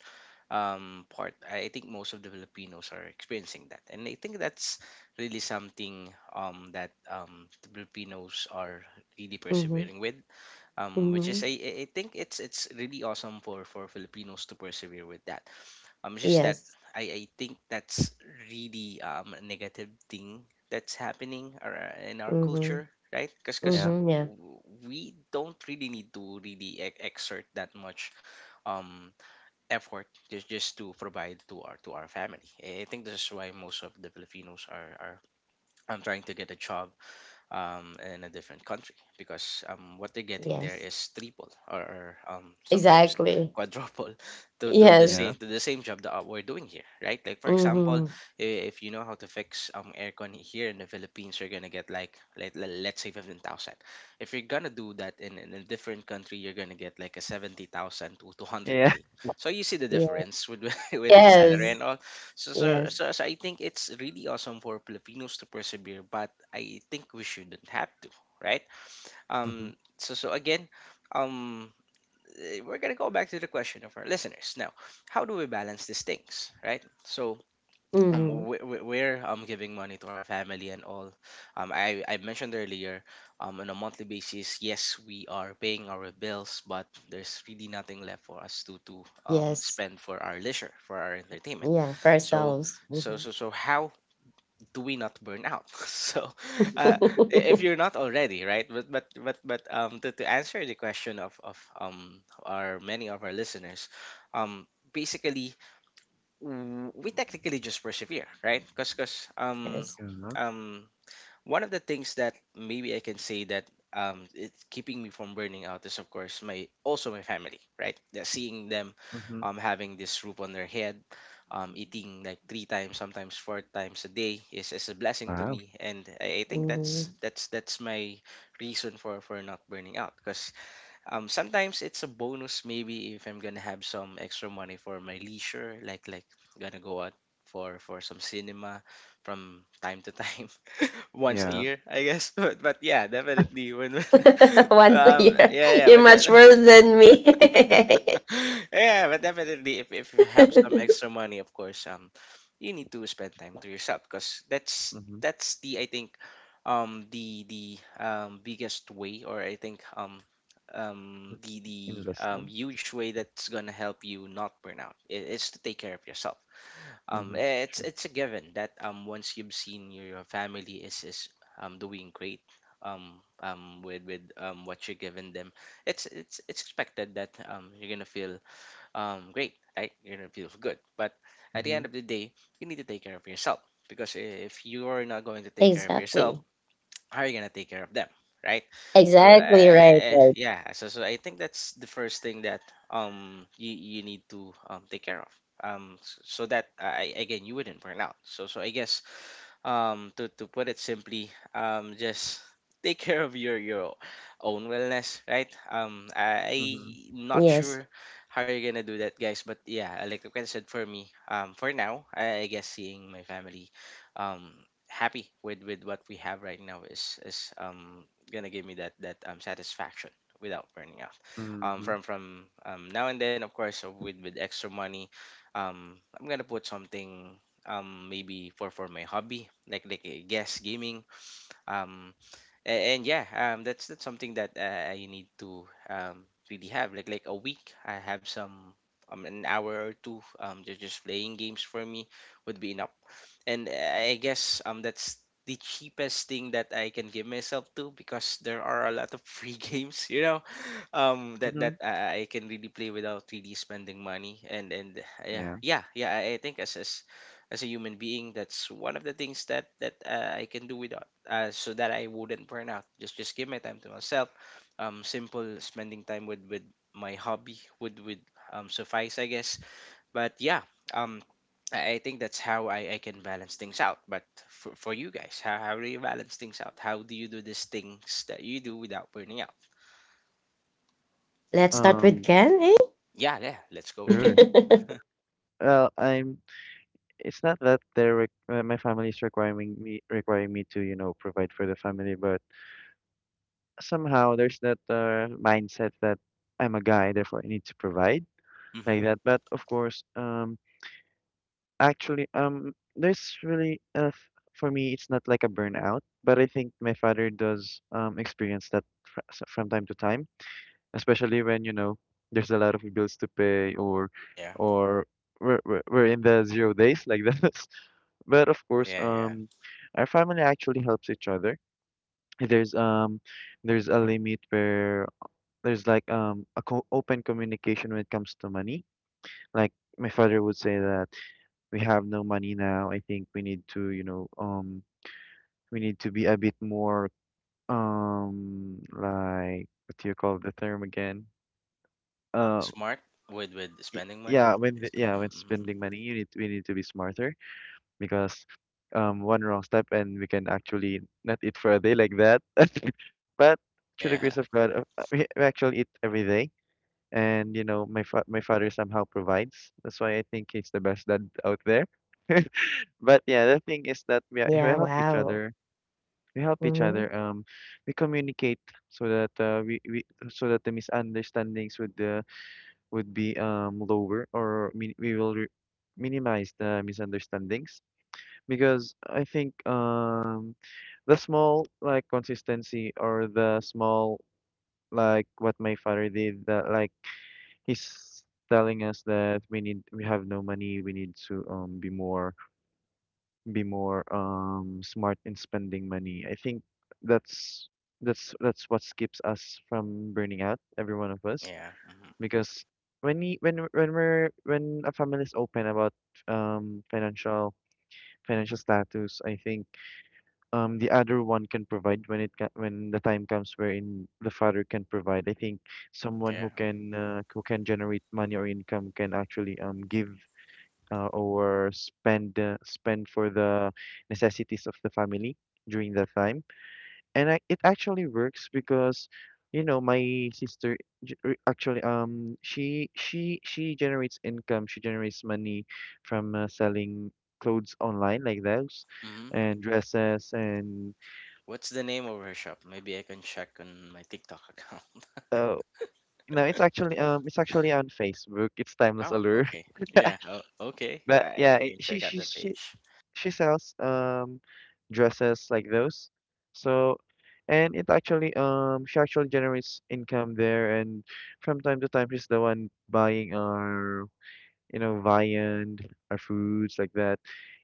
Speaker 3: part, I think most of the Filipinos are experiencing that, and I think that's really something that the Filipinos are really
Speaker 1: Mm-hmm.
Speaker 3: persevering with, which
Speaker 1: Mm-hmm.
Speaker 3: is, I think, it's really awesome for, Filipinos to persevere with that. It's just that,
Speaker 1: Yes.
Speaker 3: I think that's really a negative thing that's happening in our
Speaker 1: Mm-hmm.
Speaker 3: culture, right? Because
Speaker 2: Yeah.
Speaker 1: Mm-hmm. Yeah.
Speaker 3: we don't really need to really exert that much um, effort, just, to provide to our family. I think this is why most of the Filipinos are, trying to get a job in a different country, because what they're getting there
Speaker 1: Yes.
Speaker 3: is triple , or sometimes
Speaker 1: Exactly.
Speaker 3: quadruple *laughs* to the
Speaker 1: Yes.
Speaker 2: Yeah.
Speaker 3: same job that we're doing here, right? Like, for example,
Speaker 1: Mm-hmm.
Speaker 3: i- if you know how to fix aircon here in the Philippines, you're gonna get like, let's say 15,000. If you're gonna do that in a different country, you're gonna get like a 70,000 to
Speaker 2: Yeah.
Speaker 3: 200K.
Speaker 2: *laughs*
Speaker 3: So you see the
Speaker 1: Yeah.
Speaker 3: difference with *laughs* with the salary and
Speaker 1: Yes.
Speaker 3: all. so so,
Speaker 1: Yes.
Speaker 3: so so I think it's really awesome for Filipinos to persevere, but I think we shouldn't have to, right?
Speaker 2: Mm-hmm.
Speaker 3: So again, um, we're gonna go back to the question of our listeners now. How do we balance these things, right? So,
Speaker 1: Mm-hmm.
Speaker 3: we- we're giving money to our family and all. I mentioned earlier, on a monthly basis, yes, we are paying our bills, but there's really nothing left for us to
Speaker 1: Yes.
Speaker 3: spend for our leisure, for our entertainment.
Speaker 1: Yeah, for
Speaker 3: So
Speaker 1: ourselves.
Speaker 3: so
Speaker 1: Mhm.
Speaker 3: so so how do we not burn out? *laughs* So, uh, if you're
Speaker 1: *laughs*
Speaker 3: not already, right? But to answer the question of our many of our listeners, um, basically we technically just persevere, right? Because,
Speaker 1: Yes.
Speaker 2: Yeah.
Speaker 3: um one of the things that maybe I can say that it's keeping me from burning out is, of course, my also my family, right? That seeing them
Speaker 2: Mm-hmm.
Speaker 3: having this roof on their head, eating like three times, sometimes four times a day is a blessing to
Speaker 2: Wow.
Speaker 3: me, and I think
Speaker 1: Hmm.
Speaker 3: that's my reason for not burning out. Because sometimes it's a bonus, maybe if I'm gonna have some extra money for my leisure, like, gonna go out for some cinema from time to *laughs* time, once a
Speaker 2: Yeah.
Speaker 3: year, I guess. *laughs* But yeah, definitely when
Speaker 1: *laughs*
Speaker 3: *laughs*
Speaker 1: Once a
Speaker 3: um
Speaker 1: year.
Speaker 3: yeah
Speaker 1: *laughs*
Speaker 3: yeah
Speaker 1: You're
Speaker 3: but de-
Speaker 1: much worse than me.
Speaker 3: *laughs* yeah but definitely, if you have some
Speaker 1: *laughs*
Speaker 3: extra money, of course you need to spend time to yourself, because that's
Speaker 2: Mm-hmm.
Speaker 3: the, I think, the biggest way, or I think,
Speaker 2: Mm.
Speaker 3: the
Speaker 2: Investment.
Speaker 3: huge way that's gonna help you not burn out is to take care of yourself.
Speaker 2: Mm-hmm.
Speaker 3: It's
Speaker 2: True.
Speaker 3: it's a given that once you've seen your family is doing great with what you're giving them, it's expected that you're gonna feel great, right? You're gonna feel good. But at the
Speaker 2: Mm-hmm.
Speaker 3: end of the day, you need to take care of yourself, because if you are not going to take care of yourself,
Speaker 1: Exactly.
Speaker 3: how are you gonna take care of them, right? so uh,
Speaker 1: Exactly right,
Speaker 3: eh, eh,
Speaker 1: right.
Speaker 3: yeah so, so I think that's the first thing that you need to take care of so that, again, you wouldn't burn out. So I guess, to put it simply, just take *laughs* care of your own wellness, right? I
Speaker 2: Mm-hmm.
Speaker 3: not
Speaker 1: Yes.
Speaker 3: sure how you're gonna do that, guys, but yeah, like what I said, for me, for now, I guess seeing my family um happy with what we have right now is gonna give me that satisfaction without burning out,
Speaker 2: Mm-hmm.
Speaker 3: from now and then. Of course, with extra money, I'm gonna put something, maybe for my hobby, like, guess gaming. um yeah, that's something that I need to really have. Like, a week, I have some, an hour or two, just playing games for me would be enough. And I guess that's the cheapest thing that I can give myself to, because there are a lot of free *laughs* games,
Speaker 2: Mm-hmm.
Speaker 3: that I can really play without really spending money. And yeah,
Speaker 2: Yeah.
Speaker 3: yeah, yeah, I think, as as a human being, that's one of the things that I can do without, so that I wouldn't burn out. Just give my time to myself. Simple spending time with my hobby would suffice, I guess. But yeah, um I think that's how I can balance things out. But for you guys, how do you balance things out? How do you do these things that you do without burning out?
Speaker 1: Let's start with
Speaker 2: Um.
Speaker 1: Ken, eh?
Speaker 3: Yeah, yeah, let's go again.
Speaker 2: Sure.
Speaker 1: *laughs*
Speaker 2: Well, I'm it's not that my family is requiring me, to, you know, provide for the family, but somehow there's that mindset that I'm a guy, therefore I need to provide
Speaker 3: Mm-hmm.
Speaker 2: like that. But of course, actually, there's really for me, it's not like a burnout, but I think my father does experience that from time to time, especially when, you know, there's a lot of bills to pay
Speaker 3: Yeah.
Speaker 2: or we're in the zero days like that. *laughs* But of course,
Speaker 3: Yeah. Yeah.
Speaker 2: our family actually helps each other. There's um, there's a limit where there's like a co open communication when it comes to money. Like my father would say that we have no money now. I think we need to, you know, we need to be a bit more like what do you call the term again?
Speaker 3: Uh,
Speaker 2: Uh,
Speaker 3: smart with
Speaker 2: y-
Speaker 3: spending money.
Speaker 2: yeah, yeah, when
Speaker 3: Mm-hmm, mm-hmm.
Speaker 2: spending money, you need we need to be smarter, because one wrong step and we can actually not eat for a day like that. *laughs* But through the
Speaker 3: Yeah.
Speaker 2: grace of
Speaker 3: *laughs*
Speaker 2: God, we actually eat every day, and you know, my father somehow provides. That's why I think he's the best dad out there. *laughs* But yeah, the thing is that we
Speaker 1: Yeah,
Speaker 2: help each
Speaker 1: wow.
Speaker 2: other. We help each
Speaker 1: Mm-hmm.
Speaker 2: other. We communicate so that we so that the misunderstandings would be lower or min we will re minimize the misunderstandings, because I think the small like consistency or the small like what my father did, that like he's telling us that we have no money, we need to be more smart in spending money. I think that's that's what keeps us from burning out, every one of us,
Speaker 3: Yeah. Mm-hmm.
Speaker 2: because when we, when we're when a family is open about um financial financial status. I think the other one can provide when when the time comes wherein the father can provide. I think someone
Speaker 3: Yeah.
Speaker 2: who can generate money or income can actually give or spend spend for the necessities of the family during that time. And it actually works because you know my sister actually she generates income. She generates money from selling clothes online like those
Speaker 3: Mm-hmm.
Speaker 2: and dresses and
Speaker 3: What's the name of her shop? Maybe I can check on my TikTok account. *laughs*
Speaker 2: Oh, no, it's actually on Facebook. It's Timeless
Speaker 3: Oh,
Speaker 2: Allure.
Speaker 3: okay. Yeah. Oh, okay.
Speaker 2: *laughs*
Speaker 3: I
Speaker 2: But yeah,
Speaker 3: I
Speaker 2: it-
Speaker 3: can
Speaker 2: she
Speaker 3: check out
Speaker 2: she
Speaker 3: the
Speaker 2: she
Speaker 3: page.
Speaker 2: she sells dresses like those. So, and it actually she actually generates income there, and from time to time she's the one buying our you know viand, our foods like that.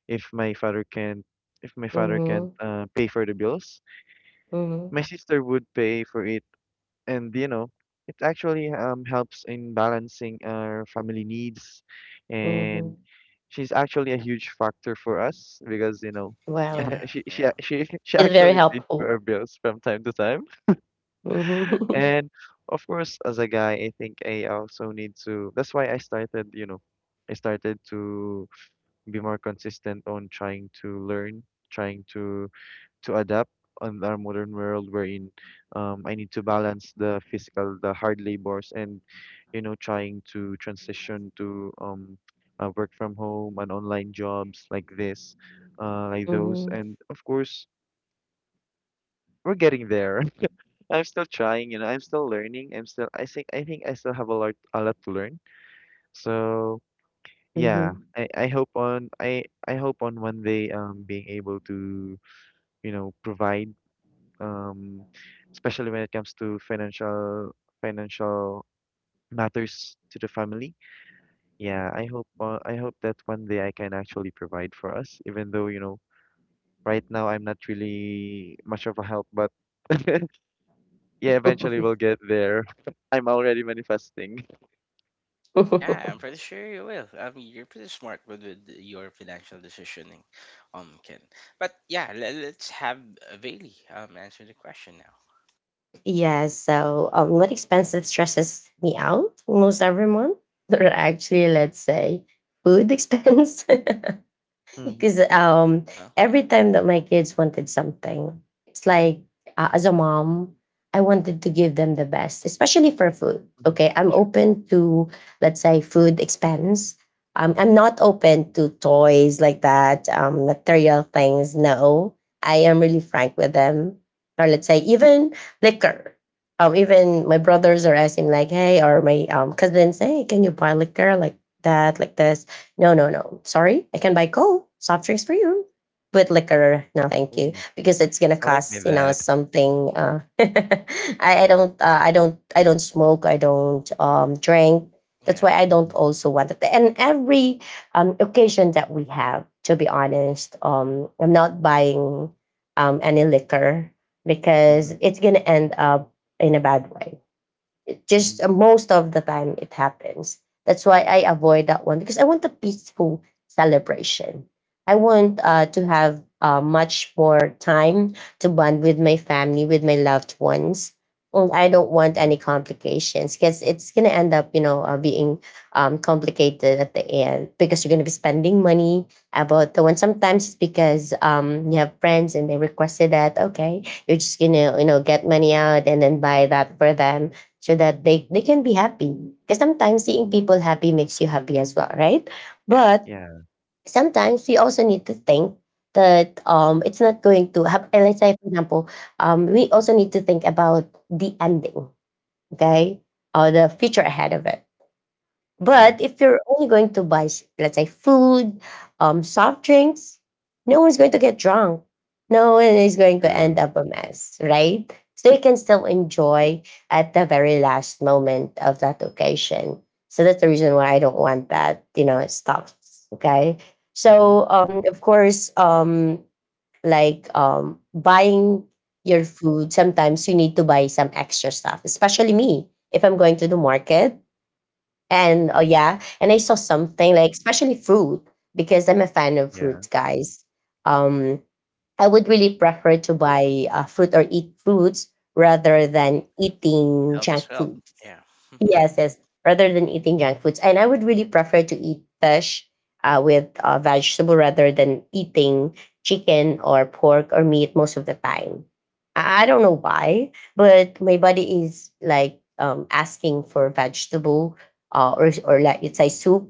Speaker 2: If my father can't if my father can't
Speaker 1: Mm-hmm.
Speaker 2: pay for the bills,
Speaker 1: Mm-hmm.
Speaker 2: my sister would pay for it, and you know it actually helps in balancing our family needs.
Speaker 1: Mm-hmm.
Speaker 2: And she's actually a huge factor for us, because you know
Speaker 1: Wow.
Speaker 2: *laughs*
Speaker 3: Yeah.
Speaker 2: she
Speaker 3: Yeah.
Speaker 2: ac- she *laughs* she
Speaker 1: It's very
Speaker 2: actually pays for our
Speaker 1: helpful.
Speaker 2: bills from time to time,
Speaker 1: Mm-hmm. *laughs*
Speaker 2: and of course as a guy I think I also need to. That's why I started, you know, I started to be more consistent on trying to learn, trying to adapt on our modern world, wherein I need to balance the physical, the hard labors, and, you know, trying to transition to work from home and online jobs like this, like those.
Speaker 1: Mm-hmm.
Speaker 2: And of course, we're getting there. *laughs* I'm still trying, you know, I'm still learning. I'm still, I think I still have a lot to learn. So yeah, I hope on one day being able to, you know, provide um, especially when it comes to financial matters to the family. Yeah, I hope that one day I can actually provide for us, even though, you know, right now I'm not really much of a help, but *laughs* yeah, eventually we'll get there. *laughs* I'm already manifesting.
Speaker 3: Yeah.
Speaker 1: Mm-hmm.
Speaker 3: I'm
Speaker 1: *laughs*
Speaker 3: pretty sure you will. I mean, you're pretty smart with your financial decisioning, Ken. But yeah, let's have Bailey answer the question now.
Speaker 1: Yes, so what expenses stresses me out most every month? *laughs* Or actually, let's say food expense. *laughs*
Speaker 2: Mm-hmm.
Speaker 1: Because
Speaker 3: Uh huh.
Speaker 1: every
Speaker 3: Mm,
Speaker 1: time that my kids wanted something, it's like as a mom, I wanted to give them the best, especially for food.
Speaker 2: hmm
Speaker 1: Okay, I'm
Speaker 2: Sure.
Speaker 1: open to let's say food expense. I'm not open to toys like that, material things. No, I am really frank with them. Or let's say even liquor. Even my brothers are asking like, hey, or my cousins, hey, can you buy liquor like that, like this? No, no, no. Sorry, I can buy Coke, soft drinks for you. With liquor, no, thank you,
Speaker 2: Ooh,
Speaker 1: because it's gonna
Speaker 2: I like my
Speaker 1: cost, you know,
Speaker 2: dad.
Speaker 1: something. *laughs* I don't smoke. I don't drink. That's
Speaker 3: yeah.
Speaker 1: why I
Speaker 2: Mm-hmm.
Speaker 1: don't also want it. And every occasion that we have, to be honest, I'm not buying any liquor because
Speaker 2: Mm-hmm.
Speaker 1: it's gonna end up in a bad way. It
Speaker 2: Mm-hmm.
Speaker 1: just most of the time it happens. That's why I avoid that one because I want a peaceful celebration. I want to have much more time to bond with my family, with my loved ones. And I don't want
Speaker 2: Yeah.
Speaker 1: any complications because it's gonna end up, you know, being complicated at the end because you're gonna be spending money about the one. Sometimes it's because you have friends and they requested that. Okay, you're just gonna, you know, get money out and then buy that for them so that they can be happy. Because sometimes seeing people happy makes you happy as well, right?
Speaker 3: Yeah.
Speaker 1: But
Speaker 2: Yeah.
Speaker 1: sometimes we also need to think that it's not going to happen. Let's say, for example, we also need to think about the ending, okay? Or the future ahead of it.
Speaker 2: Yeah.
Speaker 1: But if you're only going to buy, let's say, food, soft drinks, no one's going to get drunk. No one is going to end
Speaker 2: Sure.
Speaker 1: up a mess, right? So you can still enjoy at the very last moment of that occasion. So that's the reason why I don't want that, you know, it stops. Okay.
Speaker 2: Mm-hmm.
Speaker 1: So of course, like buying your food, sometimes you need to buy some extra stuff, especially me. If I'm going to the market, and oh yeah, and I saw something like especially fruit because I'm a fan of
Speaker 2: Yeah.
Speaker 1: fruits, guys. Um, I would really prefer to buy fruit or eat fruits
Speaker 3: Mm-hmm.
Speaker 1: rather than eating
Speaker 3: Health
Speaker 1: junk
Speaker 3: as well.
Speaker 1: food.
Speaker 3: Yeah. *laughs*
Speaker 1: Yes, yes. Rather than eating junk foods, and I would really prefer to eat fish with vegetable rather than eating chicken or pork or meat most of the time. I don't know why, but my body is like asking for vegetable or like it's a soup.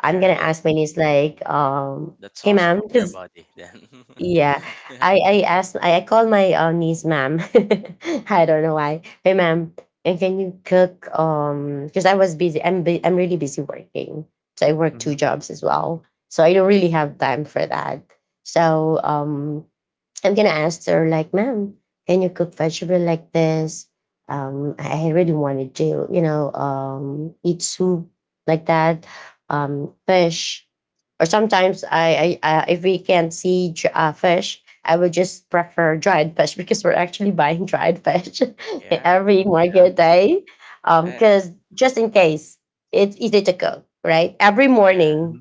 Speaker 1: I'm
Speaker 3: Yeah,
Speaker 1: gonna ask my niece like,
Speaker 3: that's
Speaker 1: "Hey,
Speaker 3: awesome
Speaker 1: ma'am,"
Speaker 3: of
Speaker 1: *laughs*
Speaker 3: your
Speaker 1: because
Speaker 3: body then. *laughs*
Speaker 1: yeah,
Speaker 3: Yeah.
Speaker 1: I called my niece, ma'am. *laughs* I don't know why. Hey, ma'am, and can you cook? Because I was busy. I'm really busy working. So I work two
Speaker 2: Mm-hmm.
Speaker 1: jobs as well. So I don't really have time for that. So I'm gonna ask her like, "Ma'am, can you cook vegetable like this? I really wanted to, you know, eat soup like that, fish, or sometimes I if we can't see fish, I would just prefer dried fish." *laughs* Because we're actually buying dried fish *laughs*
Speaker 3: Yeah.
Speaker 1: every
Speaker 2: Yeah.
Speaker 1: market day.
Speaker 3: Uh,
Speaker 1: Because just in case, it's easy to cook, right? Every
Speaker 3: yeah.
Speaker 2: Mm-hmm.
Speaker 1: morning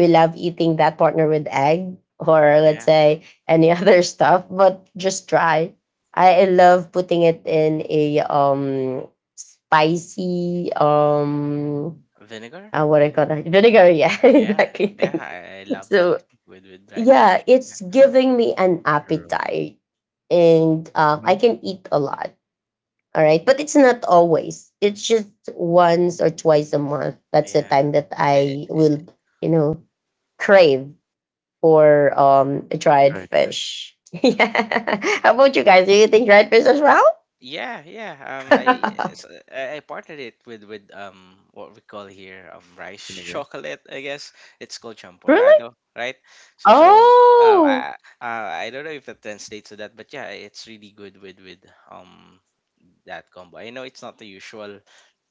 Speaker 1: we love eating that partner with egg, or let's
Speaker 3: Yeah.
Speaker 1: say any *laughs* other stuff, but just try. I love putting it in a spicy
Speaker 3: Vinegar?
Speaker 1: what I call that, vinegar. Yeah, *laughs*
Speaker 3: Yeah.
Speaker 1: exactly.
Speaker 3: Yeah,
Speaker 1: Thank
Speaker 3: I
Speaker 1: you.
Speaker 3: love that
Speaker 1: So
Speaker 3: with dried
Speaker 1: yeah,
Speaker 3: fish.
Speaker 1: it's
Speaker 3: Yeah.
Speaker 1: giving me an
Speaker 2: Sure.
Speaker 1: appetite, and I
Speaker 2: Mm-hmm.
Speaker 1: can eat a lot. All right, but it's not always. It's just once or twice a month. That's the
Speaker 3: Yeah.
Speaker 1: time that
Speaker 3: Eh,
Speaker 1: I
Speaker 3: eh,
Speaker 1: will, you know, crave or dried
Speaker 2: Dried fish,
Speaker 1: fish. *laughs*
Speaker 3: yeah.
Speaker 1: Yeah.
Speaker 3: Mhm.
Speaker 1: How about you guys? Do you think dried fish as well?
Speaker 3: Yeah, yeah. I s-
Speaker 1: *laughs*
Speaker 3: I partnered it with what we call here rice *laughs*
Speaker 2: vinegar.
Speaker 3: chocolate. I guess it's called
Speaker 1: Really?
Speaker 3: champorado, right? So so um
Speaker 1: Oh.
Speaker 3: I I don't know if it translates to that, but yeah, it's really good with um that combo. I know it's not the usual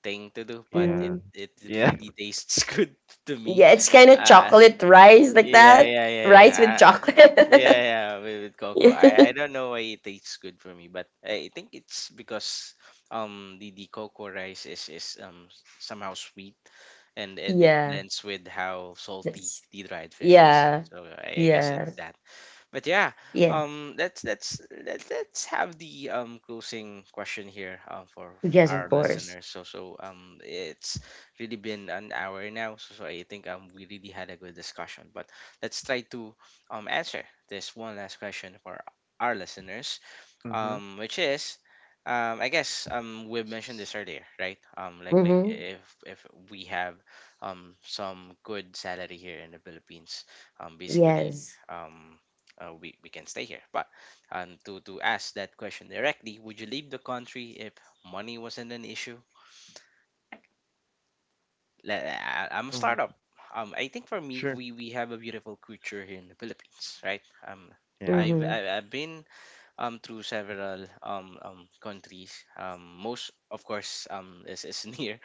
Speaker 3: thing to do, but it
Speaker 2: Yeah.
Speaker 1: Mm.
Speaker 3: it
Speaker 2: Yeah.
Speaker 3: really
Speaker 2: *laughs*
Speaker 3: tastes *laughs* good to me.
Speaker 1: Yeah, it's kind of
Speaker 3: Uh,
Speaker 1: chocolate rice like
Speaker 3: yeah,
Speaker 1: that.
Speaker 3: yeah, yeah, yeah.
Speaker 1: Rice with
Speaker 3: Uh, yeah,
Speaker 1: chocolate.
Speaker 3: yeah, with
Speaker 1: *laughs*
Speaker 3: cocoa.
Speaker 1: Yeah.
Speaker 3: I don't know why it tastes good for me, but I think it's because the cocoa rice is somehow sweet and it
Speaker 1: Yeah.
Speaker 3: blends with how salty
Speaker 1: Yes.
Speaker 3: the dried fish is.
Speaker 1: Yeah.
Speaker 3: So I guess
Speaker 1: Yeah.
Speaker 3: it's that but yeah,
Speaker 1: Yeah.
Speaker 3: let's have the closing question here for
Speaker 1: Yes, of
Speaker 3: our
Speaker 1: course.
Speaker 3: listeners. So it's really been an hour now, so, so I think we really had a good discussion. But let's try to answer this one last question for our listeners
Speaker 2: Mhm.
Speaker 3: which is I guess we've mentioned this earlier, right? Like
Speaker 1: Mm-hmm.
Speaker 3: if we have some good salary here in the Philippines, basically
Speaker 1: Yes.
Speaker 3: um we can stay here but to ask that question directly, would you leave the country if money wasn't an issue? Let, I, I'm a
Speaker 2: Um,
Speaker 3: startup I think for me
Speaker 2: sure.
Speaker 3: we have a beautiful culture here in the Philippines, right? um
Speaker 2: Yeah.
Speaker 3: I've,
Speaker 1: Mm-hmm.
Speaker 3: I've been through several countries. Most of course is *laughs* near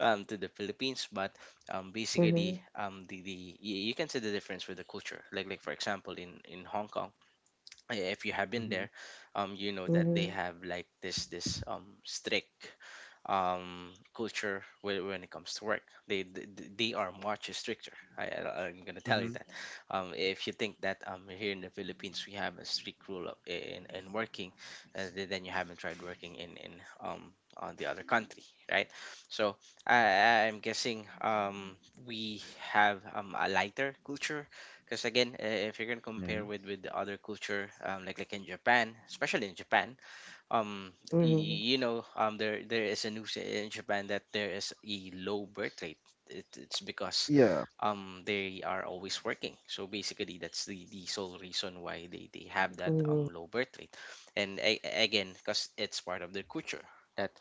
Speaker 3: to the Philippines, but basically
Speaker 1: Mm-hmm.
Speaker 3: the, you can see the difference with the culture. Like for example in Hong Kong, I- if you have been
Speaker 2: Mhm.
Speaker 3: there, you know that they
Speaker 1: Mm-hmm.
Speaker 3: have like this strict culture when it comes to work. They they, they are much stricter. I'm gonna tell you
Speaker 2: Mhm.
Speaker 3: that. If you think that here in the Philippines we have a strict rule of in working, then you haven't tried working in on the other country, right? So I'm guessing we have a lighter culture. Because again, if you're gonna compare
Speaker 2: Yeah.
Speaker 3: with the other culture, like in Japan, especially in Japan, um
Speaker 1: Mm-hmm.
Speaker 3: you know there there is a news in Japan that there is a low birth rate. It, it's because
Speaker 2: Yeah.
Speaker 3: they are always working. So basically that's the sole reason why they have that
Speaker 1: Mm-hmm.
Speaker 3: low birth rate. And again, because it's part of their culture that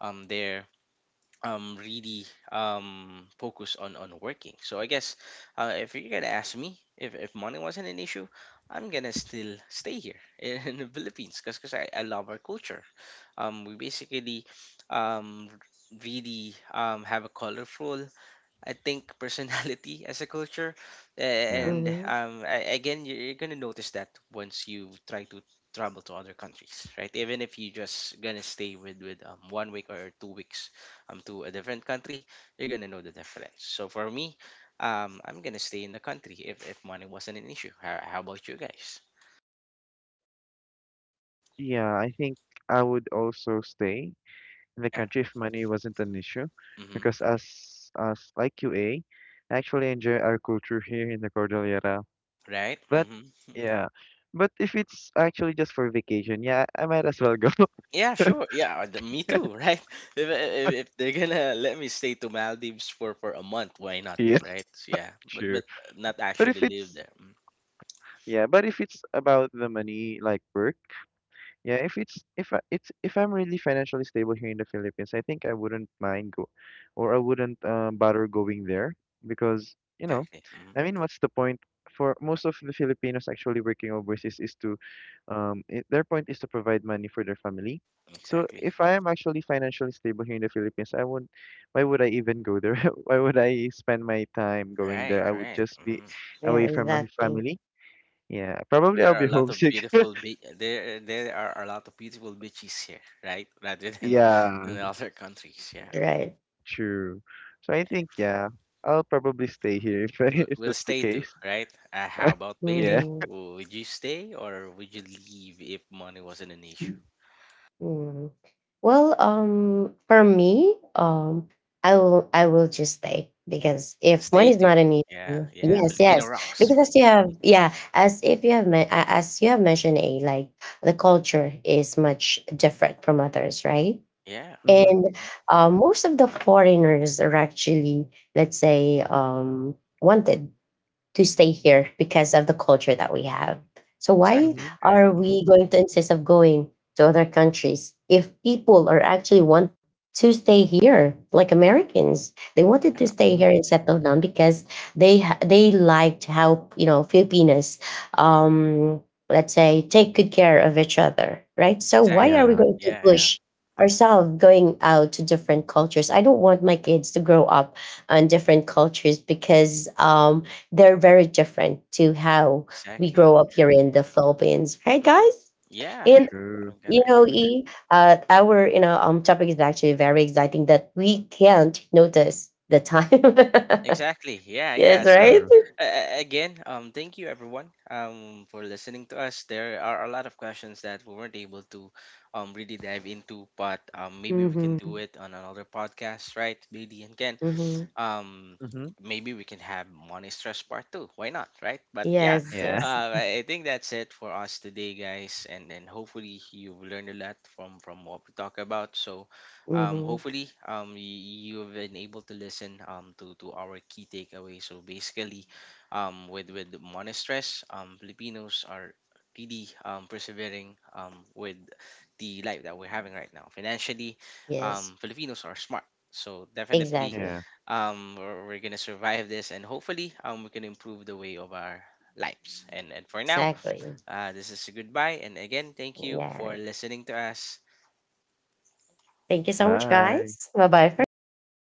Speaker 3: they're really focus on working. So I guess if you're gonna ask me if money wasn't an issue, I'm gonna still stay here *laughs* in the Philippines because I love our culture. We basically um, really have a colorful, I think, personality *laughs* as a culture.
Speaker 2: Yeah.
Speaker 3: And
Speaker 1: Mm-hmm.
Speaker 3: again, you're gonna notice that once you try to travel to other countries, right? Even if you just gonna stay with 1 week or 2 weeks to a different country, you're gonna know the difference. So for me, I'm gonna stay in the country if money wasn't an issue. How about you guys?
Speaker 2: Yeah, I think I would also stay in the
Speaker 3: Yeah.
Speaker 2: country if money wasn't an issue,
Speaker 3: Mm-hmm.
Speaker 2: because as like QA, I actually enjoy our culture here in the Cordillera.
Speaker 3: Right.
Speaker 2: But
Speaker 3: Mm-hmm. *laughs*
Speaker 2: yeah. But if it's actually just for vacation, yeah, I might as well go.
Speaker 3: Yeah,
Speaker 2: *laughs*
Speaker 3: sure. Yeah, me too, right? *laughs* If, if they're gonna let me stay to Maldives for a month, why not,
Speaker 2: Yeah,
Speaker 3: right? So, yeah,
Speaker 2: true.
Speaker 3: but not
Speaker 2: But if
Speaker 3: actually live
Speaker 2: it's
Speaker 3: there. Mm,
Speaker 2: Yeah, but if it's about the money, like work. Yeah, if it's if I, it's if I'm really financially stable here in the Philippines, I think I wouldn't mind go, or I wouldn't bother going there, because you know,
Speaker 3: exactly. Hmm.
Speaker 2: I mean, what's the point? For most of the Filipinos actually working overseas is to, I their point is to provide money for their family. So
Speaker 3: Exactly.
Speaker 2: if I am actually financially stable here in the Philippines, I won't. Why would I even go there? *laughs* Why would I spend my time going
Speaker 3: Right.
Speaker 2: there? I would
Speaker 3: Right.
Speaker 2: just be
Speaker 3: Hmm.
Speaker 1: Yeah,
Speaker 2: away from my
Speaker 1: exactly.
Speaker 2: family. Yeah, probably I'll
Speaker 3: There are a
Speaker 2: be
Speaker 3: lot of
Speaker 2: homesick. *laughs*
Speaker 3: there there are a lot of beautiful beaches here, right? *laughs* Rather than
Speaker 2: Yeah.
Speaker 3: in other countries. Yeah.
Speaker 1: Right.
Speaker 2: True. So I think, yeah, I'll probably stay here if *laughs* if
Speaker 3: We'll
Speaker 2: that's the
Speaker 3: stay too,
Speaker 2: case.
Speaker 3: right? How about
Speaker 2: Yeah.
Speaker 3: Bailey?
Speaker 1: Mm-hmm.
Speaker 3: Would you stay or would you leave if money wasn't an issue?
Speaker 1: Mm. Well, for me, I will just stay because if
Speaker 3: Stay
Speaker 1: money is
Speaker 3: to.
Speaker 1: not an
Speaker 3: Yeah,
Speaker 1: issue,
Speaker 3: yeah.
Speaker 1: yes,
Speaker 3: Filipino
Speaker 1: yes,
Speaker 3: rocks.
Speaker 1: because as you have, yeah, as if you have men- a- as you have mentioned, a like the culture is much different from others, right?
Speaker 3: Yeah.
Speaker 2: Mm-hmm.
Speaker 3: Hmm.
Speaker 1: And most of the foreigners are actually, let's say, wanted to stay here because of the culture that we have. So why
Speaker 2: Mm-hmm.
Speaker 3: Exactly. Right.
Speaker 1: are
Speaker 3: Hmm.
Speaker 1: we going to insist of going to other countries if people are actually want to stay here like Americans? They wanted to
Speaker 3: Yeah.
Speaker 1: stay
Speaker 2: Mm-hmm.
Speaker 1: here and settle down because they liked how, you know, Filipinas um let's say take good care of each other, right? So why are
Speaker 3: Exactly.
Speaker 1: we
Speaker 2: Yeah.
Speaker 1: going to
Speaker 3: Yeah. Yeah.
Speaker 1: push ourselves going out to different cultures? I don't want my kids to grow up on different cultures because they're very different to how we
Speaker 3: Exactly.
Speaker 1: grow up here in the Philippines, right,
Speaker 3: Hmm.
Speaker 1: guys?
Speaker 3: Yeah.
Speaker 1: And
Speaker 2: True.
Speaker 3: I'm gonna
Speaker 1: you
Speaker 3: agree
Speaker 1: know,
Speaker 3: with that.
Speaker 1: our, you know, topic is actually very exciting that we can't notice the time.
Speaker 3: Exactly. Yeah.
Speaker 1: *laughs*
Speaker 3: Yeah.
Speaker 1: Yes,
Speaker 3: So.
Speaker 1: right.
Speaker 2: True.
Speaker 3: Again, thank you everyone for listening to us. There are a lot of questions that we weren't able to really dive into, but maybe we can
Speaker 1: Mm-hmm.
Speaker 3: do it on another podcast, right, BD and Ken?
Speaker 1: Mm-hmm.
Speaker 3: um
Speaker 2: Mm-hmm.
Speaker 3: Maybe we can have money stress part two, why not, right? But yeah,
Speaker 1: Yes.
Speaker 2: Yeah.
Speaker 1: Yes.
Speaker 2: *laughs*
Speaker 3: I think that's it for us today, guys, and hopefully you've learned a lot from what we talk about. So
Speaker 1: Mm-hmm.
Speaker 3: hopefully you've been able to listen to our key takeaway. So basically with money stress, Filipinos are really persevering with the life that we're having right now financially.
Speaker 1: Yes.
Speaker 3: Filipinos are smart, so definitely
Speaker 1: Exactly.
Speaker 2: Yeah.
Speaker 3: we're gonna survive this, and hopefully we can improve the way of our lives. And for now,
Speaker 1: Exactly.
Speaker 3: uh, this is a goodbye, and again, thank you for
Speaker 1: Yes.
Speaker 3: listening to us.
Speaker 1: Thank you so much,
Speaker 2: Bye.
Speaker 1: guys. Bye bye for
Speaker 2: Thank you.
Speaker 1: now.